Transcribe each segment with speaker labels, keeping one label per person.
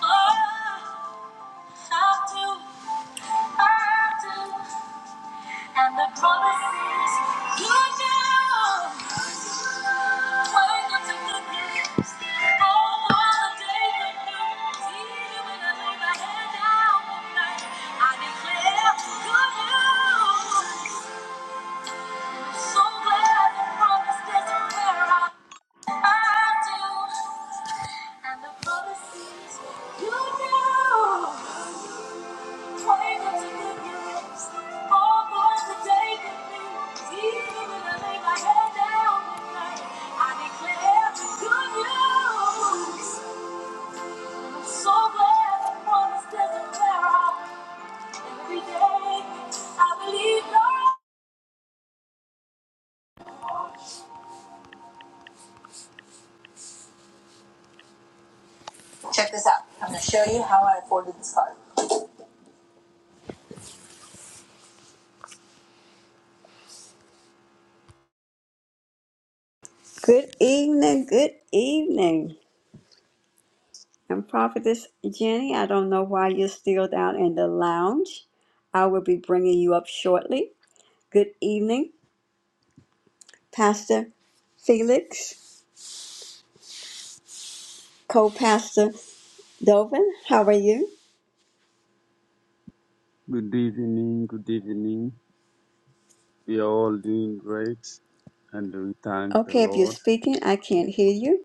Speaker 1: I do, I do, and the promises you do. Wake up to good news. Oh, all the day good news. Even when I lay my head down at I declare good So glad the promise is where I, I do, and the promises you do. This app show you how I folded this card. Good evening, good evening. I'm Prophetess Jenny. I don't know why you're still down in the lounge. I will be bringing you up shortly. Good evening, Pastor Felix. co-pastor Dovin, how are you?
Speaker 2: Good evening, good evening. We are all doing great and we thank the
Speaker 1: Okay, if you're
Speaker 2: Lord.
Speaker 1: speaking, I can't hear you.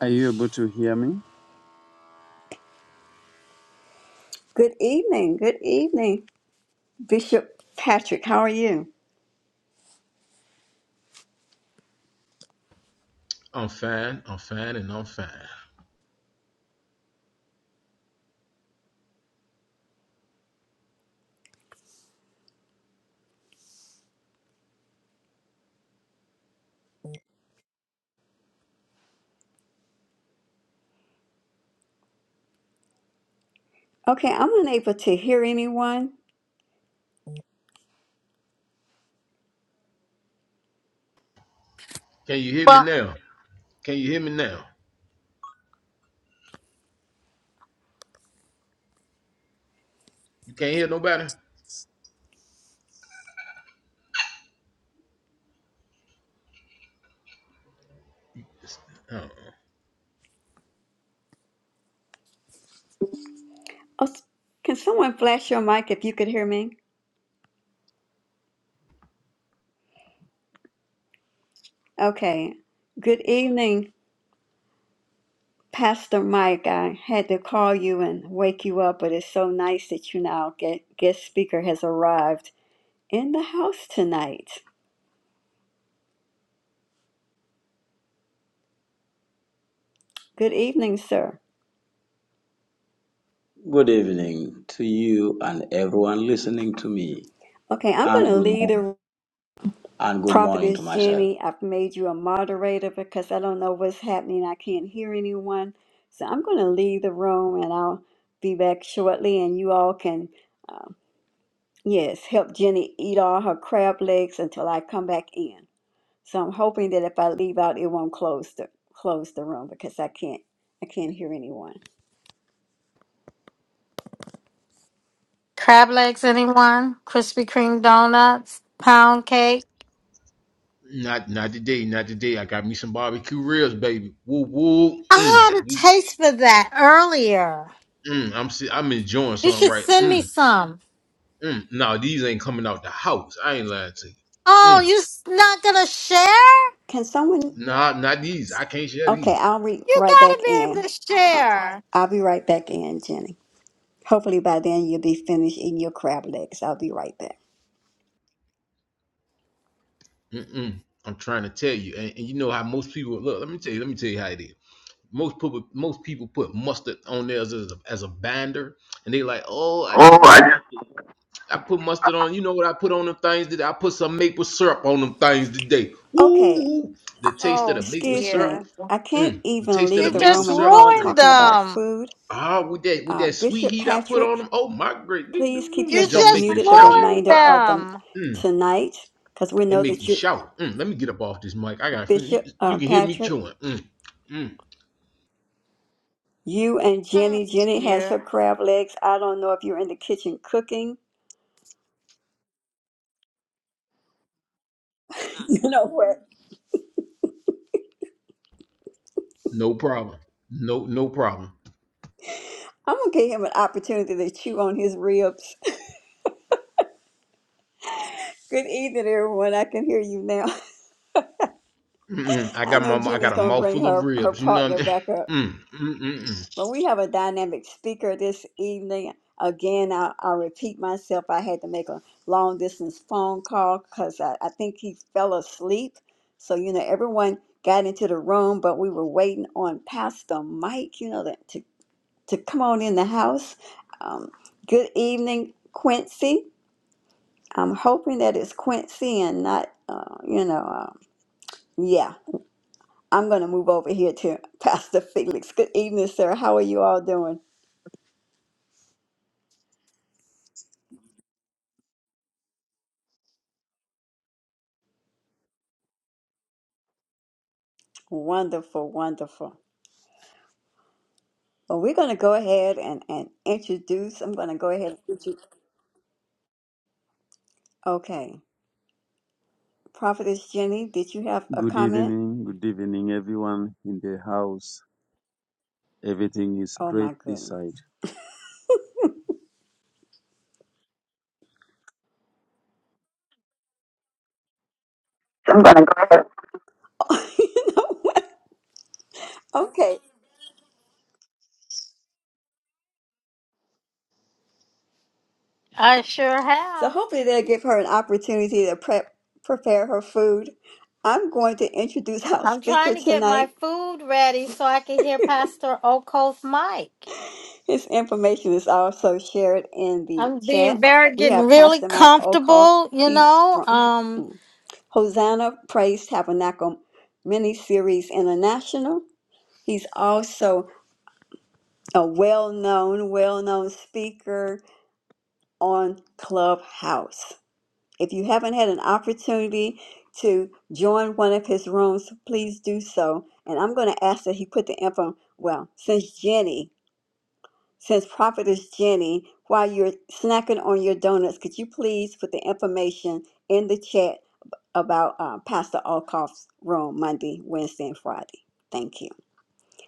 Speaker 2: Are you able to hear me?
Speaker 1: Good evening, good evening, Bishop Patrick, how are you?
Speaker 3: I'm fine. I'm fine and I'm fine.
Speaker 1: Okay, I'm unable to hear anyone.
Speaker 3: Can you hear me
Speaker 4: Well,
Speaker 3: now? Can you hear me now? You can't hear nobody? Uh,
Speaker 1: Oh, s- can someone flash your mic if you could hear me? Okay, good evening, Pastor Mike. I had to call you and wake you up, but it's so nice that you now get guest speaker has arrived in the house tonight. Good evening, sir.
Speaker 5: Good evening to you and everyone listening to me,
Speaker 1: Okay, I'm going
Speaker 5: and
Speaker 1: to
Speaker 5: good
Speaker 1: lead
Speaker 5: morning,
Speaker 1: a
Speaker 5: and good morning to
Speaker 1: Prophetess
Speaker 5: myself.
Speaker 1: Jenny, I've made you a moderator because I don't know what's happening. I can't hear anyone. So I'm going to leave the room and I'll be back shortly. And you all can, um, yes, help Jenny eat all her crab legs until I come back in. So I'm hoping that if I leave out, it won't close the close the room because I can't I can't hear anyone.
Speaker 4: crab legs, anyone? Krispy Kreme donuts, pound cake.
Speaker 3: not not today, not today. I got me some barbecue ribs, baby. Woo woo. Mm.
Speaker 4: I had a taste for that earlier.
Speaker 3: mm. I'm si- I'm enjoying
Speaker 4: You
Speaker 3: something
Speaker 4: should
Speaker 3: right.
Speaker 4: send me
Speaker 3: Mm.
Speaker 4: some.
Speaker 3: Mm. No, these ain't coming out the house. I ain't lying to you.
Speaker 4: Oh,
Speaker 3: Mm.
Speaker 4: you s- not gonna share?
Speaker 1: Can someone?
Speaker 3: Nah, not these. I can't share these.
Speaker 1: Okay, I'll re
Speaker 4: You
Speaker 1: right
Speaker 4: gotta
Speaker 1: back
Speaker 4: be able
Speaker 1: in.
Speaker 4: to
Speaker 1: Uh,
Speaker 4: share.
Speaker 1: I'll be right back in, Jenny. Hopefully by then you'll be finished eating your crab legs. I'll be right back.
Speaker 3: Mm-mm. I'm trying to tell you, and, and you know how most people look. Let me tell you. Let me tell you how it is. Most people, most people put mustard on theirs as a, as a binder, and they like, oh, I just put mustard. I put mustard on. You know what I put on them things today? I put some maple syrup on them things today. Woo!
Speaker 1: Okay,
Speaker 3: woo. The taste of the
Speaker 4: Oh
Speaker 3: maple
Speaker 1: excuse
Speaker 3: syrup.
Speaker 1: me.
Speaker 4: dear,
Speaker 1: I can't
Speaker 3: Mm, the
Speaker 1: even
Speaker 3: taste of the
Speaker 1: leave
Speaker 4: you
Speaker 1: the
Speaker 3: maple
Speaker 4: just
Speaker 1: room and you
Speaker 3: syrup
Speaker 1: all are
Speaker 3: with that.
Speaker 4: ruined
Speaker 1: talking about
Speaker 4: them.
Speaker 1: food.
Speaker 3: Ah, with that with
Speaker 1: Uh,
Speaker 3: that sweet
Speaker 1: Bishop
Speaker 3: heat I put on
Speaker 1: Patrick,
Speaker 3: them. Oh my great! Them
Speaker 1: please
Speaker 3: them-
Speaker 1: keep
Speaker 3: them
Speaker 4: You
Speaker 1: yourself
Speaker 3: gonna
Speaker 4: just
Speaker 3: make you
Speaker 1: muted the
Speaker 3: shout.
Speaker 4: ruined
Speaker 1: remainder of the
Speaker 4: them.
Speaker 3: Mm,
Speaker 1: tonight because we
Speaker 3: it
Speaker 1: know
Speaker 3: make you
Speaker 1: that you,
Speaker 3: shout. Mm, let me get up off this mic. I got you,
Speaker 1: Bishop
Speaker 3: you
Speaker 1: uh,
Speaker 3: can hear me
Speaker 1: Patrick,
Speaker 3: chewing. Mm, mm,
Speaker 1: you and
Speaker 4: Oh
Speaker 1: Jenny. Jenny has her
Speaker 4: dear.
Speaker 1: crab legs. I don't know if you're in the kitchen cooking. You know what?
Speaker 3: no problem. No no problem.
Speaker 1: I'm gonna give him an opportunity to chew on his ribs. Good evening, everyone. I can hear you now.
Speaker 3: Mm-mm. I
Speaker 1: I
Speaker 3: got my
Speaker 1: know
Speaker 3: I got
Speaker 1: Jenny's
Speaker 3: a
Speaker 1: gonna
Speaker 3: mouthful
Speaker 1: bring
Speaker 3: of
Speaker 1: her her
Speaker 3: ribs. You know what
Speaker 1: partner
Speaker 3: I mean?
Speaker 1: back up.
Speaker 3: Mm, mm, mm, mm.
Speaker 1: But we have a dynamic speaker this evening. Again, I, i repeat myself. I had to make a long distance phone call because I, I think he fell asleep. So, you know, everyone got into the room, but we were waiting on Pastor Mike, you know, that, to, to come on in the house. Um, good evening, Quincy. I'm hoping that it's Quincy and not, uh, you know, um yeah. I'm going to move over here to Pastor Felix. Good evening, sir. How are you all doing? Wonderful, wonderful. Well, we're going to go ahead and, and introduce. I'm going to go ahead. Okay. Prophetess Jenny, did you have a
Speaker 2: Good
Speaker 1: comment?
Speaker 2: evening, good evening, everyone in the house. Everything is
Speaker 1: Oh,
Speaker 2: great
Speaker 1: my
Speaker 2: this
Speaker 1: goodness.
Speaker 2: side.
Speaker 4: I'm gonna go.
Speaker 1: you know what? Okay.
Speaker 4: I sure
Speaker 1: So
Speaker 4: have.
Speaker 1: hopefully they'll give her an opportunity to prep, prepare her food. I'm going to introduce our
Speaker 4: I'm
Speaker 1: speaker
Speaker 4: trying to get my
Speaker 1: tonight.
Speaker 4: food ready so I can hear Pastor Okoth Mike.
Speaker 1: His information is also shared in the
Speaker 4: I'm being
Speaker 1: chat.
Speaker 4: very
Speaker 1: We
Speaker 4: getting
Speaker 1: have
Speaker 4: really
Speaker 1: Pastor Mike Okoff.
Speaker 4: comfortable, you
Speaker 1: He's
Speaker 4: know.
Speaker 1: from
Speaker 4: Um
Speaker 1: Hosanna Praise Tabernacle miniseries international. He's also a well known, well known speaker on Clubhouse. If you haven't had an opportunity to join one of his rooms, please do so. And I'm going to ask that he put the info, well, since Jenny Since Prophetess Jenny, while you're snacking on your donuts, could you please put the information in the chat about uh, Pastor Alkoff's room Monday, Wednesday, and Friday? Thank you.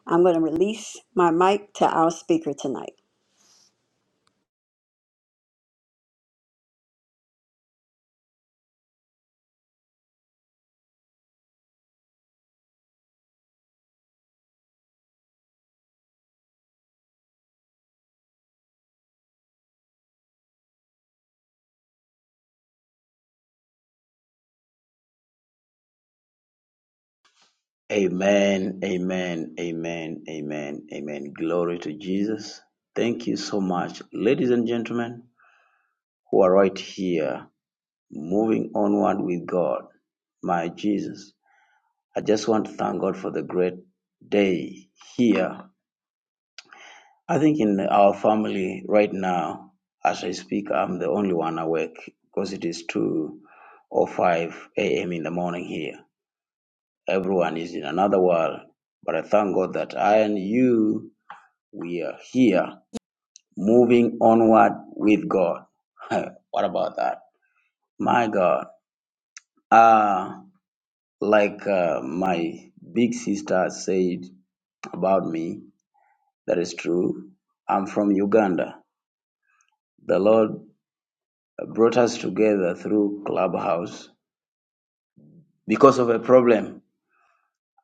Speaker 1: I'm going to release my mic to our speaker tonight.
Speaker 5: Amen, amen, amen, amen, amen. Glory to Jesus. Thank you so much, ladies and gentlemen, who are right here, moving onward with God. My Jesus, I just want to thank God for the great day here I think in our family right now, as I speak, I'm the only one awake because it is 2 or 5 a.m. in the morning here. Everyone is in another world. But I thank God that I and you, we are here moving onward with God. what about that? My God. Uh, like uh, my big sister said about me, that is true. I'm from Uganda. The Lord brought us together through Clubhouse because of a problem,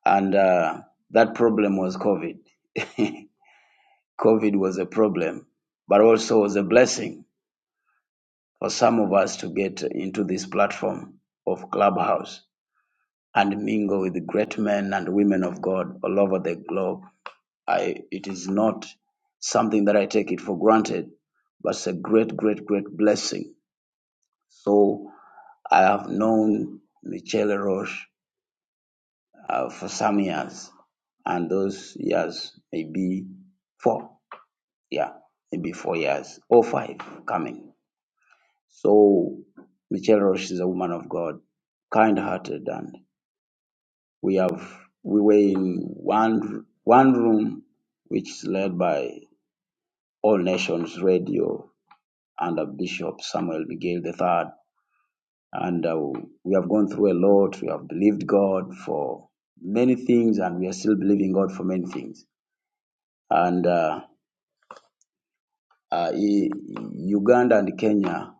Speaker 5: and uh, that problem was COVID. COVID was a problem, but also was a blessing for some of us to get into this platform of Clubhouse and mingle with the great men and women of God all over the globe. I, it is not something that I take it for granted, but it's a great, great, great blessing. So I have known Michelle Roche uh, for some years, and those years maybe four, yeah, maybe four years or five coming. So Michelle Roche is a woman of God, kind-hearted, and we have we were in one one room which is led by All Nations Radio under Bishop Samuel Miguel the Third, and uh, we have gone through a lot. We have believed God for many things, and we are still believing God for many things and uh, uh, E- Uganda and Kenya,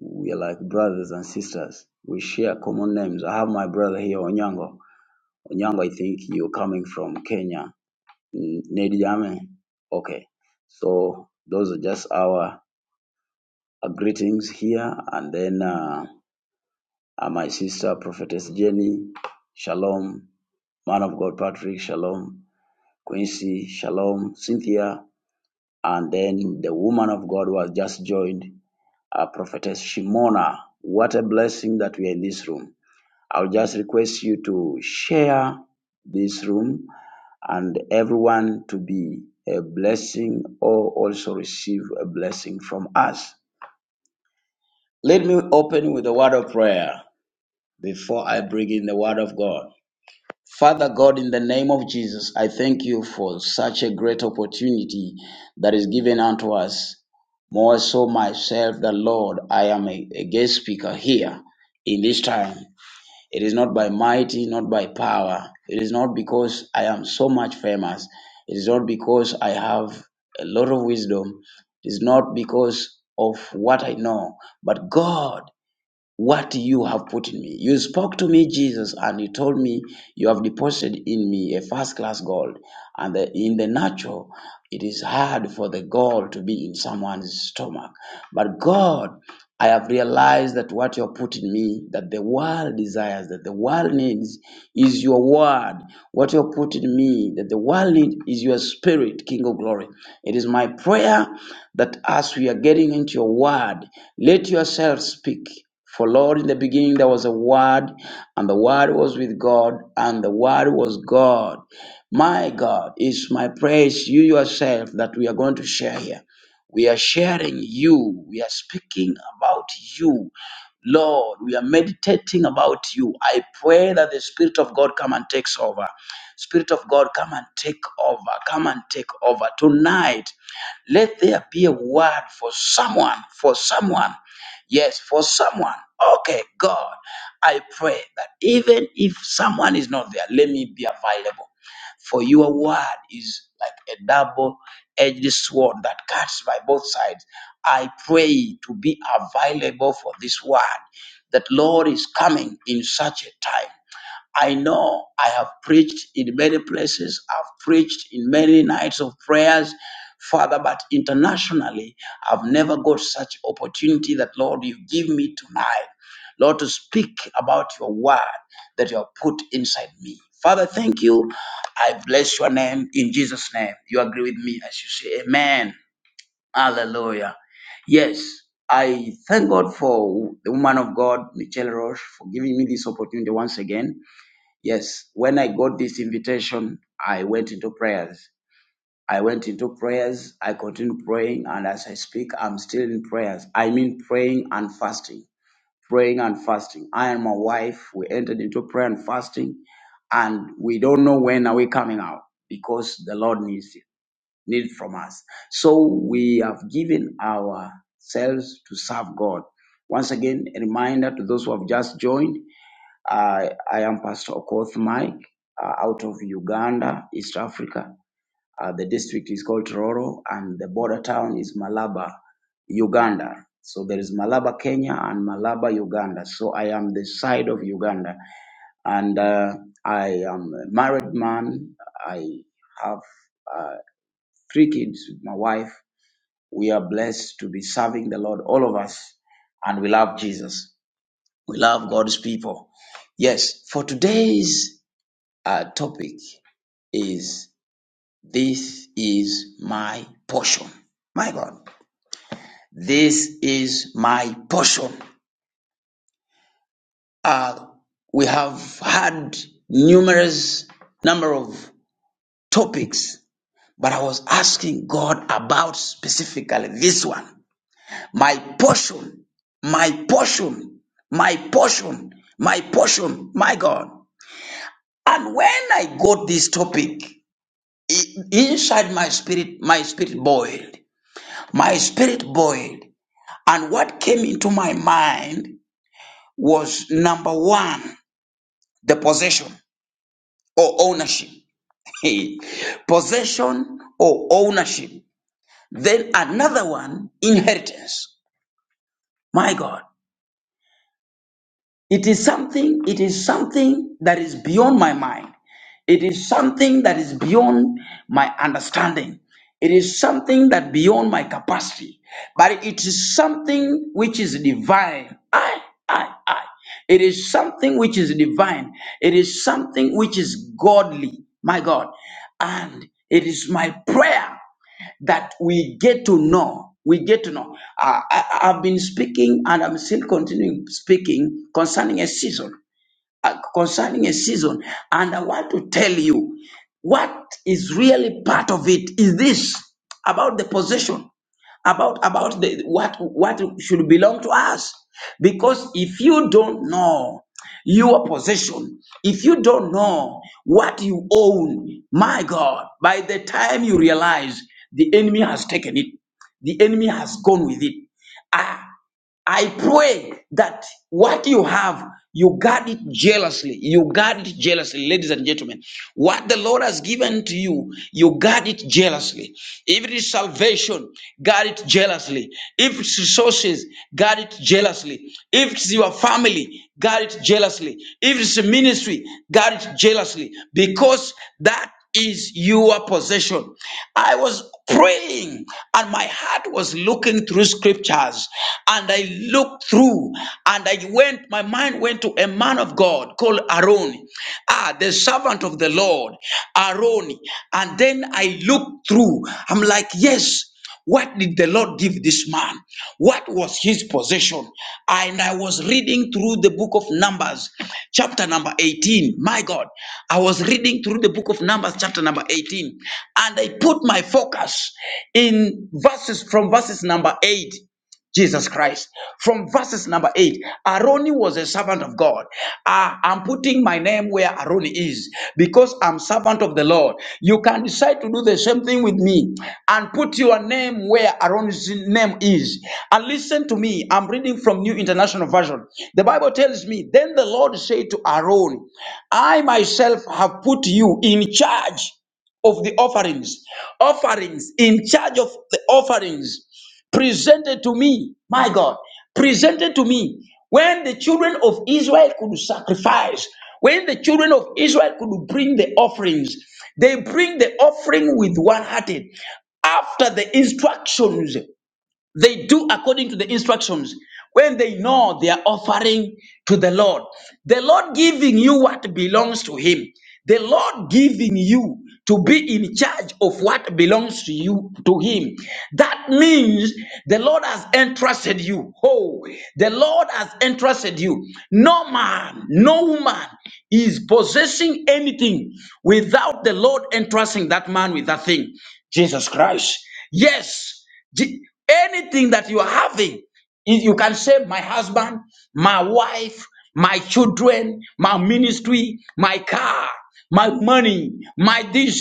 Speaker 5: we are like brothers and sisters. We share common names. I have my brother here, Onyango. Onyango, I think you're coming from Kenya. Mm, Nedi Jame. Okay. So those are just our uh, greetings here. And then uh, uh, my sister, Prophetess Jenny, Shalom. Man of God, Patrick, Shalom. Quincy, Shalom. Cynthia. And then the woman of God who has just joined. uh, Prophetess Shimona. What a blessing that we are in this room. I'll just request you to share this room and everyone to be a blessing or also receive a blessing from us. Let me open with a word of prayer before I bring in the word of God. Father God, in the name of Jesus, I thank you for such a great opportunity that is given unto us. More so, myself, the Lord, I am a, a guest speaker here in this time. It is not by mighty, not by power. It is not because I am so much famous. It is not because I have a lot of wisdom. It is not because of what I know, but God what you have put in me. You spoke to me, Jesus, and you told me you have deposited in me a first class gold. And that in the natural, it is hard for the gold to be in someone's stomach. But God, I have realized that what you have put in me, that the world desires, that the world needs, is your word. What you have put in me, that the world needs, is your spirit, King of glory. It is my prayer that as we are getting into your word, let yourself speak. For Lord, in the beginning there was a word, and the word was with God, and the word was God. My God, is my praise you yourself that we are going to share here. We are sharing you. We are speaking about you. Lord, we are meditating about you. I pray that the Spirit of God come and takes over. Spirit of God, come and take over. Come and take over. Tonight, let there be a word for someone, for someone. Yes, for someone. Okay, God, I pray that even if someone is not there, let me be available. For your word is like a double edged sword that cuts by both sides. I pray to be available for this word that Lord is coming in such a time. I know I have preached in many places, I've preached in many nights of prayers, Father, but internationally, I've never got such opportunity that, Lord, you give me tonight, Lord, to speak about your word that you have put inside me. Father, thank you. I bless your name in Jesus' name. You agree with me as you say, Amen. Hallelujah. Yes, I thank God for the woman of God, Michelle Roche, for giving me this opportunity once again Yes, when I got this invitation, I went into prayers. I went into prayers. I continued praying. And as I speak, I'm still in prayers. I mean, praying and fasting. Praying and fasting. I and my wife, we entered into prayer and fasting. And we don't know when are we coming out because the Lord needs it, need from us. So we have given ourselves to serve God. Once again, a reminder to those who have just joined I, I am Pastor Okoth Mike uh, out of Uganda, East Africa. Uh, the district is called Tororo and the border town is Malaba, Uganda. So there is Malaba, Kenya and Malaba, Uganda. So I am the side of Uganda and uh, I am a married man. I have uh, three kids with my wife. We are blessed to be serving the Lord, all of us, and we love Jesus. We love God's people. Yes, for today's uh, topic is This is my portion. My God, this is my portion. Uh, we have had numerous number of topics, but I was asking God about specifically this one. My portion, my portion, my portion, my portion, my God. And when I got this topic, i- inside my spirit, my spirit boiled My spirit boiled. And what came into my mind was number one, the possession or ownership. possession or ownership. Then another one, inheritance. My God. It is something, it is something that is beyond my mind. It is something that is beyond my understanding. It is something that beyond my capacity. But it is something which is divine. I, I, I. It is something which is divine. It is something which is godly. My God. And it is my prayer that we get to know. We get to know. Uh, I, I- have been speaking and I'm still continuing speaking concerning a season, uh, concerning a season. And I want to tell you what is really part of it is this about the possession about about the, what what should belong to us because if you don't know your possession if you don't know what you own my god by the time you realize the enemy has taken it the enemy has gone with it Ah. I pray that what you have, you guard it jealously. You guard it jealously, ladies and gentlemen. What the Lord has given to you, you guard it jealously. If it is salvation, guard it jealously. If it's resources, guard it jealously. If it's your family, guard it jealously. If it's a ministry, guard it jealously. Because that is your possession. I was praying and my heart was looking through scriptures and I looked through and I went, my mind went to a man of God called Aaron, ah, the servant of the Lord, Aaron. And then I looked through, I'm like, yes. What did the Lord give this man? What was his possession? And I was reading through the book of Numbers, chapter number 18. My God, I was reading through the book of Numbers, chapter number 18, and I put my focus in verses from verses number 8. Jesus Christ. From verses number eight, Aroni was a servant of God. Ah, I'm putting my name where Aroni is because I'm servant of the Lord. You can decide to do the same thing with me and put your name where Aroni's name is. And listen to me. I'm reading from New International Version. The Bible tells me, then the Lord said to Aaron, I myself have put you in charge of the offerings, offerings, in charge of the offerings presented to me, my God, presented to me when the children of Israel could sacrifice, when the children of Israel could bring the offerings, they bring the offering with one hearted after the instructions. They do according to the instructions when they know they are offering to the Lord. The Lord giving you what belongs to Him. The Lord giving you to be in charge of what belongs to you to Him. That means the Lord has entrusted you. Oh, the Lord has entrusted you. No man, no woman is possessing anything without the Lord entrusting that man with that thing. Jesus Christ. Yes. Je- Anything that you are having, if you can say, My husband, my wife, my children, my ministry, my car, my money, my this,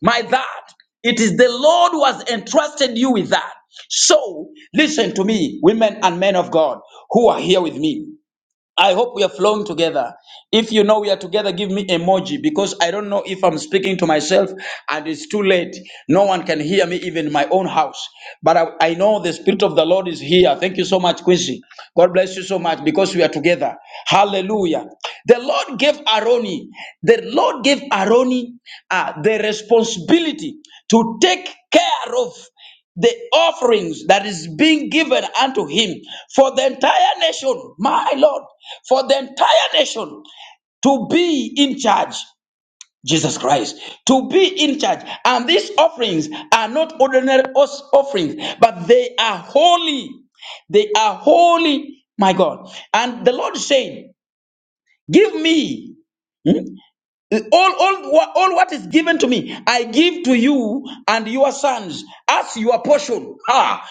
Speaker 5: my that. It is the Lord who has entrusted you with that. So, listen to me, women and men of God who are here with me. I hope we are flowing together. If you know we are together, give me emoji because I don't know if I'm speaking to myself and it's too late. No one can hear me, even in my own house. But I, I know the Spirit of the Lord is here. Thank you so much, Quincy. God bless you so much because we are together. Hallelujah. The Lord gave Aroni, the Lord gave Aroni uh, the responsibility to take care of the offerings that is being given unto him for the entire nation, my Lord, for the entire nation to be in charge. Jesus Christ to be in charge, and these offerings are not ordinary os- offerings, but they are holy. They are holy, my God. And the Lord said, "Give me Hmm? All, all, wha- all what is given to me, I give to you and your sons as your portion. Ha!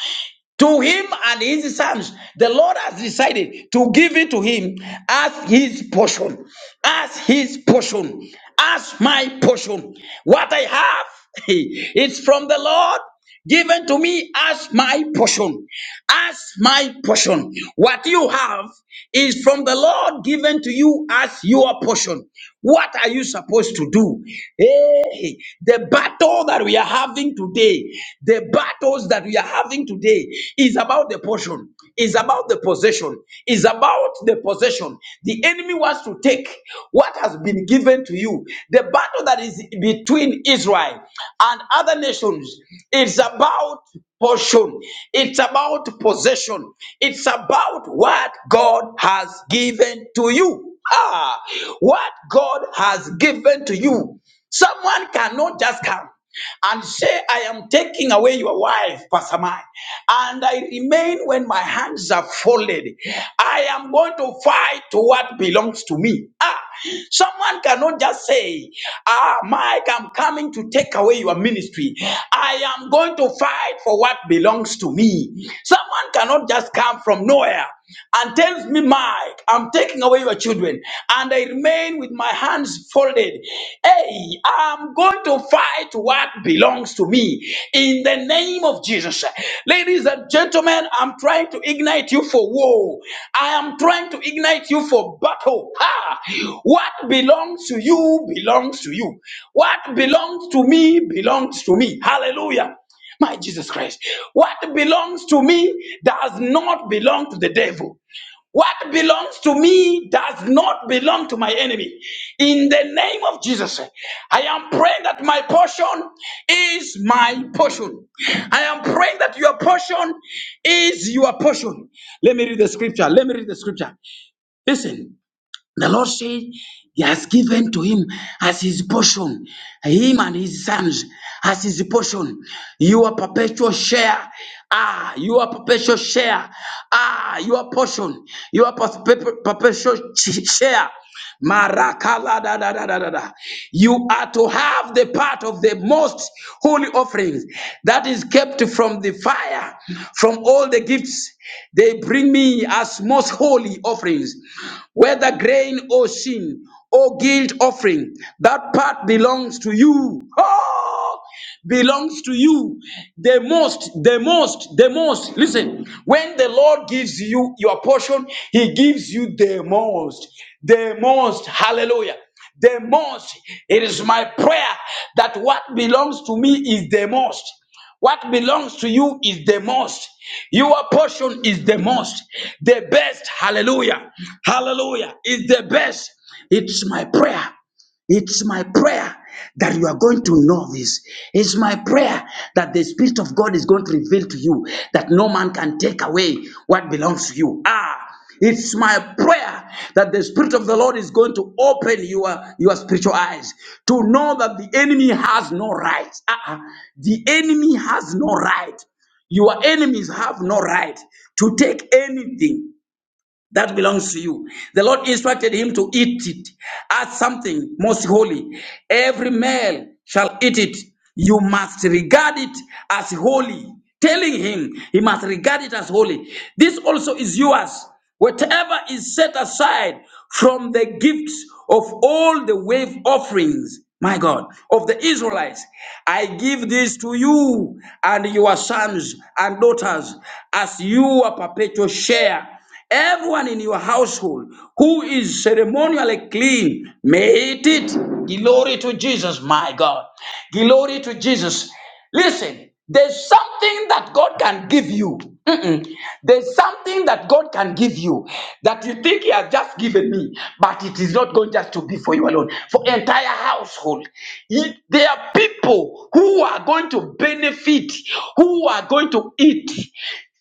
Speaker 5: To him and his sons, the Lord has decided to give it to him as his portion, as his portion, as my portion. What I have is from the Lord given to me as my portion, as my portion. What you have is from the Lord given to you as your portion. What are you supposed to do? Hey, today, the battle that we are having today, the battles that we are having today is about the portion, is about the possession, is about the possession. The enemy wants to take what has been given to you. The battle that is between Israel and other nations is about portion. It's about possession. It's about what God has given to you. Ah, what God has given to you. Someone cannot just come and say, I am taking away your wife, Pastor Mike, and I remain when my hands are folded. I am going to fight to what belongs to me. Ah, someone cannot just say, Ah, Mike, I'm coming to take away your ministry. I am going to fight for what belongs to me. Someone cannot just come from nowhere and tells me, Mike, I'm taking away your children. And I remain with my hands folded. Hey, I'm going to fight what belongs to me in the name of Jesus. Ladies and gentlemen, I'm trying to ignite you for war. I am trying to ignite you for battle. Ha! What belongs to you belongs to you. What belongs to me belongs to me. Hallelujah. My Jesus Christ. What belongs to me does not belong to the devil. What belongs to me does not belong to my enemy. In the name of Jesus, I am praying that my portion is my portion. I am praying that your portion is your portion. Let me read the scripture. Let me read the scripture. Listen. The Lord said he has given to him as his portion, him and his sons as his portion. Your perpetual share, ah, your perpetual share, ah, your portion, your perpetual share. Marakala da da da da da da. You are to have the part of the most holy offerings that is kept from the fire, from all the gifts they bring me as most holy offerings, whether grain or sin or guilt offering. That part belongs to you. Oh! belongs to you. The most, the most, the most. Listen, when the Lord gives you your portion, He gives you the most, the most. Hallelujah. The most. It is my prayer that what belongs to me is the most. What belongs to you is the most. Your portion is the most. The best. Hallelujah. Hallelujah. Is the best. It's my prayer it's my prayer that you are going to know this. It's my prayer that the Spirit of God is going to reveal to you that no man can take away what belongs to you. Ah, it's my prayer that the Spirit of the Lord is going to open your, your spiritual eyes to know that the enemy has no right. Ah, the enemy has no right. Your enemies have no right to take anything that belongs to you. The Lord instructed him to eat it as something most holy. Every male shall eat it. You must regard it as holy. Telling him he must regard it as holy. This also is yours. Whatever is set aside from the gifts of all the wave offerings, my God, of the Israelites, I give this to you and your sons and daughters as your perpetual share Everyone in your household who is ceremonially clean, may eat it. Glory to Jesus, my God. Glory to Jesus. Listen, there's something that God can give you. Mm-mm. There's something that God can give you that you think He has just given me, but it is not going just to be for you alone, for entire household. He- There are people who are going to benefit, who are going to eat.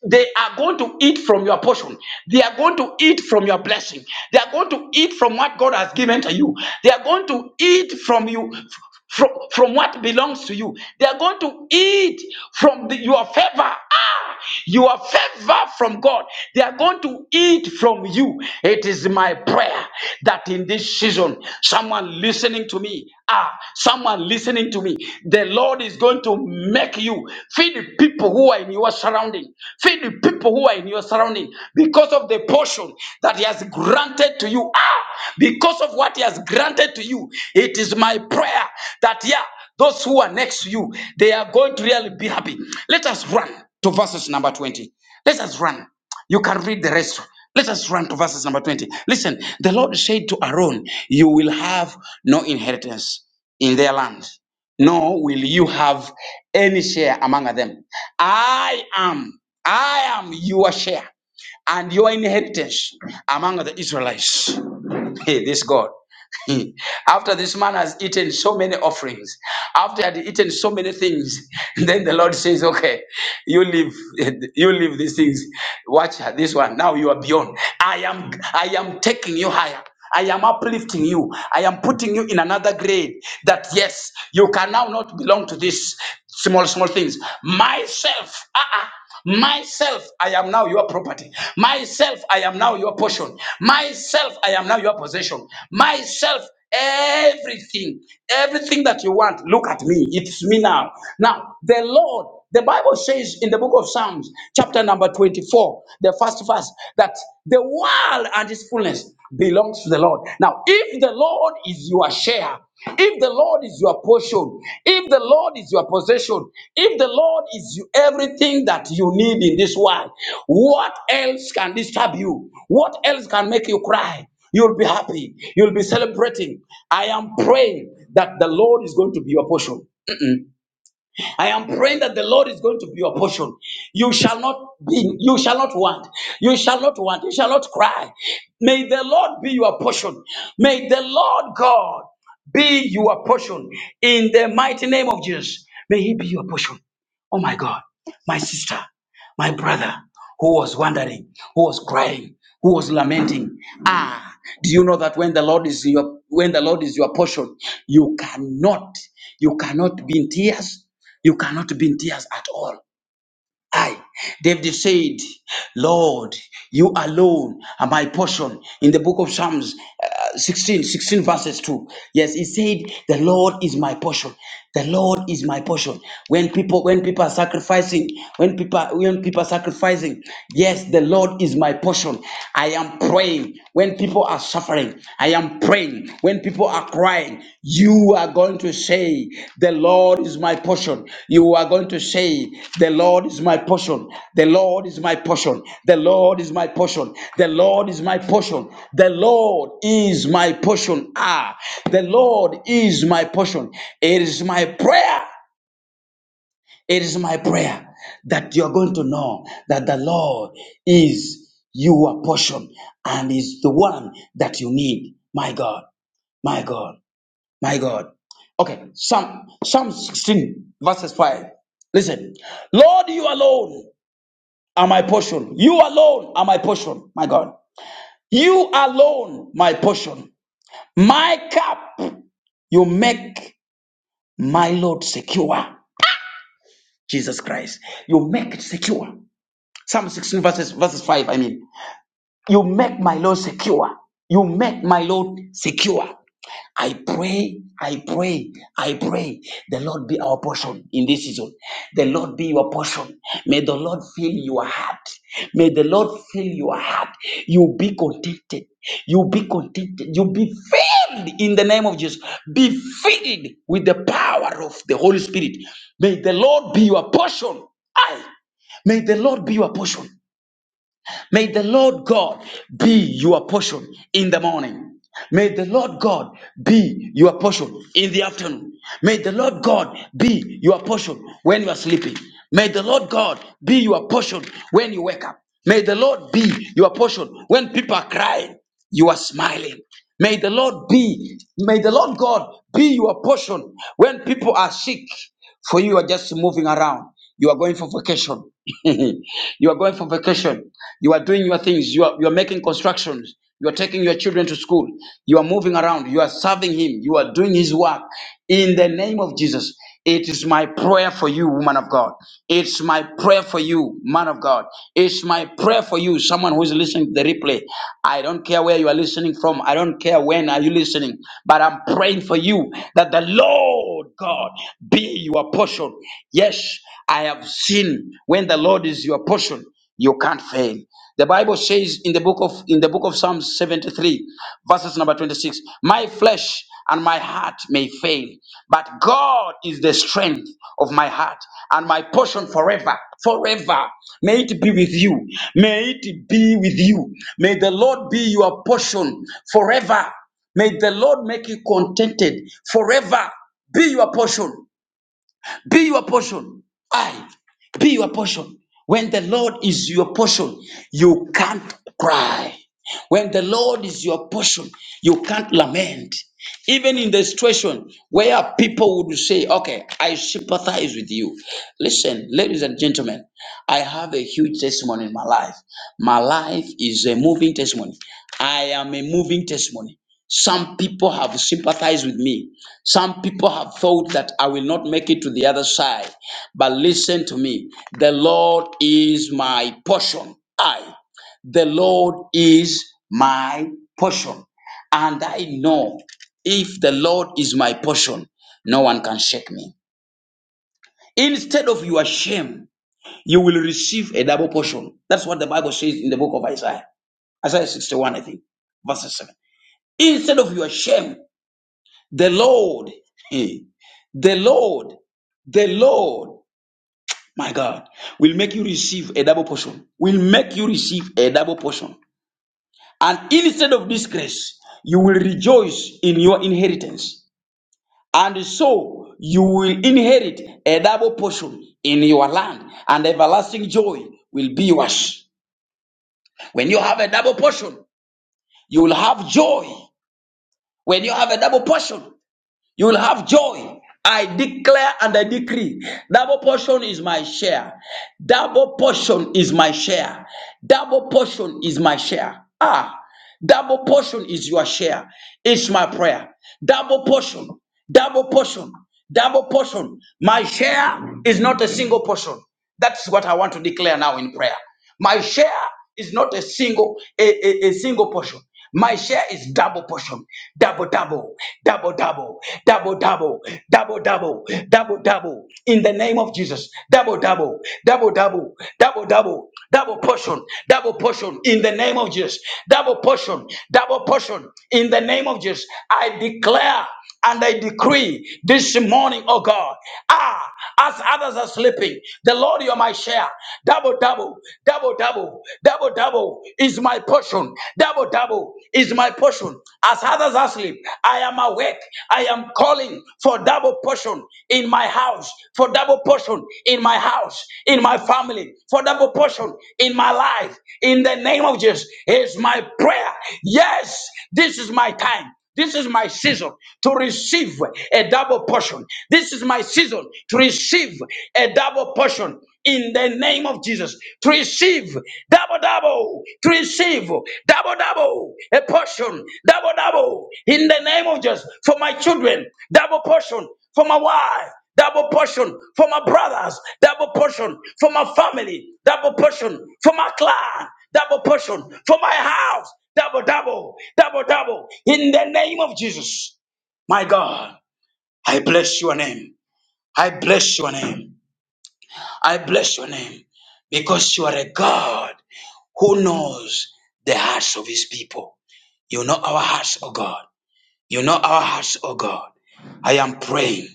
Speaker 5: They are going to eat from your portion. They are going to eat from your blessing. They are going to eat from what God has given to you. They are going to eat from you. From, from what belongs to you. They are going to eat from the- your favor. Ah, your favor from God. They are going to eat from you. It is my prayer that in this season, someone listening to me, ah, someone listening to me, the Lord is going to make you you. Feed the people who are in your surrounding. Feed the people who are in your surrounding because of the portion that He has granted to you. Ah, because of what He has granted to you, it is my prayer that yeah, those who are next to you, they are going to really be happy. Let us run to verses number 20. Let us run. You can read the rest. Let us run to verses number 20. Listen, the Lord said to Aaron, You will have no inheritance in their land nor will you have any share among them. I am, I am your share and your inheritance among the Israelites. Hey, this God. after this man has eaten so many offerings, after he had eaten so many things, then the Lord says, Okay, you leave, you leave these things. Watch this one. Now you are beyond. I am I am taking you higher. I am uplifting you. I am putting you in another grade that yes, you can now not belong to these small, small things. Myself. Uh-uh. Myself, I am now your property. Myself, I am now your portion. Myself, I am now your possession. Myself, everything, everything that you want, look at me. It's me now. Now, the Lord, the Bible says in the book of Psalms, chapter number 24, the first verse, that the world and its fullness belongs to the Lord. Now, if the Lord is your share, if the Lord is your portion, if the Lord is your possession, if the Lord is you, everything that you need in this world, what else can disturb you? What else can make you cry? You'll be happy. You'll be celebrating. I am praying that the Lord is going to be your portion. I am praying that the Lord is going to be your portion. You shall not be, you shall not want, you shall not want, you shall not cry. May the Lord be your portion. May the Lord God be your portion in the mighty name of Jesus. May He be your portion. Oh my God, my sister. My brother who was wandering, who was crying, who was lamenting. Ah, do you know that when the Lord is your when the Lord is your portion, you cannot, you cannot be in tears, you cannot be in tears at all. I, David said, Lord, you alone are my portion. In the book of Psalms uh, 16, sixteen verses 2. Yes, he said, the Lord is my portion. The Lord is my portion. When people, when people are sacrificing, when people, when people are sacrificing, yes, the Lord is my portion. I am praying. When people are suffering. I am praying. When people are crying, you are going to say, The Lord is my portion. You are going to say, The Lord is my portion. The Lord is my portion. The Lord is my portion. The Lord is my portion. The Lord is my portion. Ah, the Lord is my portion. It is my prayer it is my prayer that you're going to know that the Lord is your portion and is the one that you need. My God, my God, my God. Okay, Psalm, Psalm 16, verses 5. Listen, Lord, you alone are my portion. You alone are my portion, my God. You alone, my portion. My cup, you make my Lord secure. Jesus Christ, you make it secure. Psalm 16 verses, verses 5, I mean, you make my Lord secure. You make my Lord secure. I pray, I pray, I pray. The Lord be our portion in this season. The Lord be your portion. May the Lord fill your heart. May the Lord fill your heart. You be contented. You be contented. You be filled in the name of Jesus. Be filled with the power of the Holy Spirit. May the Lord be your portion. I may the Lord be your portion. May the Lord God be your portion in the morning. May the Lord God be your portion in the afternoon. May the Lord God be your portion when you are sleeping. May the Lord God be your portion when you wake up. May the Lord be your portion when people are crying, you are smiling. May the Lord be, may the Lord God be your portion when people are sick for you are just moving around. You are going for vacation. You are going for vacation. You are doing your things. You are, you are making constructions. You are taking your children to school. You are moving around. You are serving Him. You are doing His work. In the name of Jesus, it is my prayer for you, woman of God. It's my prayer for you, man of God. It's my prayer for you, someone who is listening to the replay. I don't care where you are listening from. I don't care when are you listening, but I'm praying for you that the Lord. Lord God be your portion. Yes, I have seen when the Lord is your portion, you can't fail. The Bible says in the book of in the book of Psalm 73, verses number 26, my flesh and my heart may fail, but God is the strength of my heart and my portion forever, forever. May it be with you. May it be with you. May the Lord be your portion forever. May the Lord make you contented forever. Be your portion. Be your portion. I be your portion. When the Lord is your portion, you can't cry. When the Lord is your portion, you can't lament. Even in the situation where people would say, Okay, I sympathize with you. Listen, ladies and gentlemen, I have a huge testimony in my life. My life is a moving testimony. I am a moving testimony. Some people have sympathized with me. Some people have thought that I will not make it to the other side. But listen to me. The Lord is my portion. I, the Lord is my portion. And I know if the Lord is my portion, no one can shake me. Instead of your shame, you will receive a double portion. That's what the Bible says in the book of Isaiah. Isaiah 61, I think, verse 7. Instead of your shame, the Lord, eh, the Lord, the Lord, my God, will make you receive a double portion, will make you receive a double portion. And instead of disgrace, you will rejoice in your inheritance. And so you will inherit a double portion in your land, and everlasting joy will be yours. When you have a double portion, you will have joy. When you have a double portion, You will have joy. I declare and I decree double portion is my share. Double portion is my share. Double portion is my share. Ah, double portion is your share. It's my prayer. Double portion, double portion, double portion. My share is not a single portion. That's what I want to declare now in prayer. My share is not a single a, a, a single portion. My share is double portion, double double, double double, double double, double double, double double. In the name of Jesus, double double, double double, double double, double portion, double portion. In the name of Jesus, double portion, double portion. In the name of Jesus, I declare. And I decree this morning, oh God, ah, as others are sleeping, the Lord, you're my share. Double, double, double, double, double, double is my portion. Double, double is my portion. As others are asleep, I am awake. I am calling for double portion in my house, for double portion in my house, in my family, for double portion in my life. In the name of Jesus, is my prayer. Yes, this is my time. This is my season to receive a double portion. This is my season to receive a double portion in the name of Jesus. To receive double, double, to receive double, double, a portion, double, double, in the name of Jesus. For my children, double portion. For my wife, double portion for my brothers, double portion for my family, double portion for my clan, double portion for my house. Double, double, double, double. In the name of Jesus. My God, I bless your name. I bless your name. I bless your name because you are a God who knows the hearts of his people. You know our hearts, oh God. You know our hearts, oh God. I am praying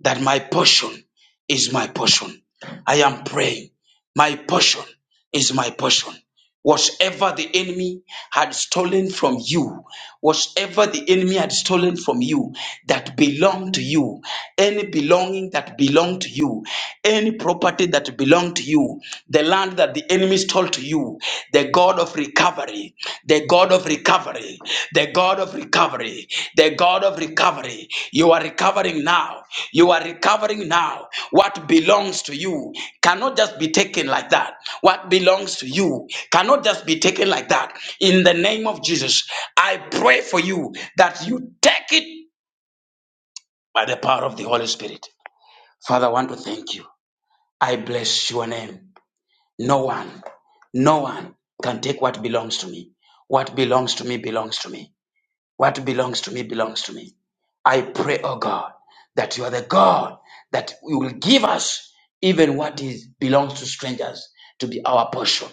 Speaker 5: that my portion is my portion. I am praying my portion is my portion. Whatever the enemy had stolen from you, whatever the enemy had stolen from you that belonged to you, any belonging that belonged to you, any property that belonged to you, the land that the enemy stole to you, the God of recovery, the God of recovery, the God of recovery, the God of recovery, you are recovering now. You are recovering now. What belongs to you cannot just be taken like that. What belongs to you cannot just be taken like that. In the name of Jesus, I pray for you that you take it by the power of the Holy Spirit. Father, I want to thank you. I bless your name. No one, no one can take what belongs to me. What belongs to me belongs to me. What belongs to me belongs to me. I pray, oh God, that you are the God that you will give us even what is belongs to strangers to be our portion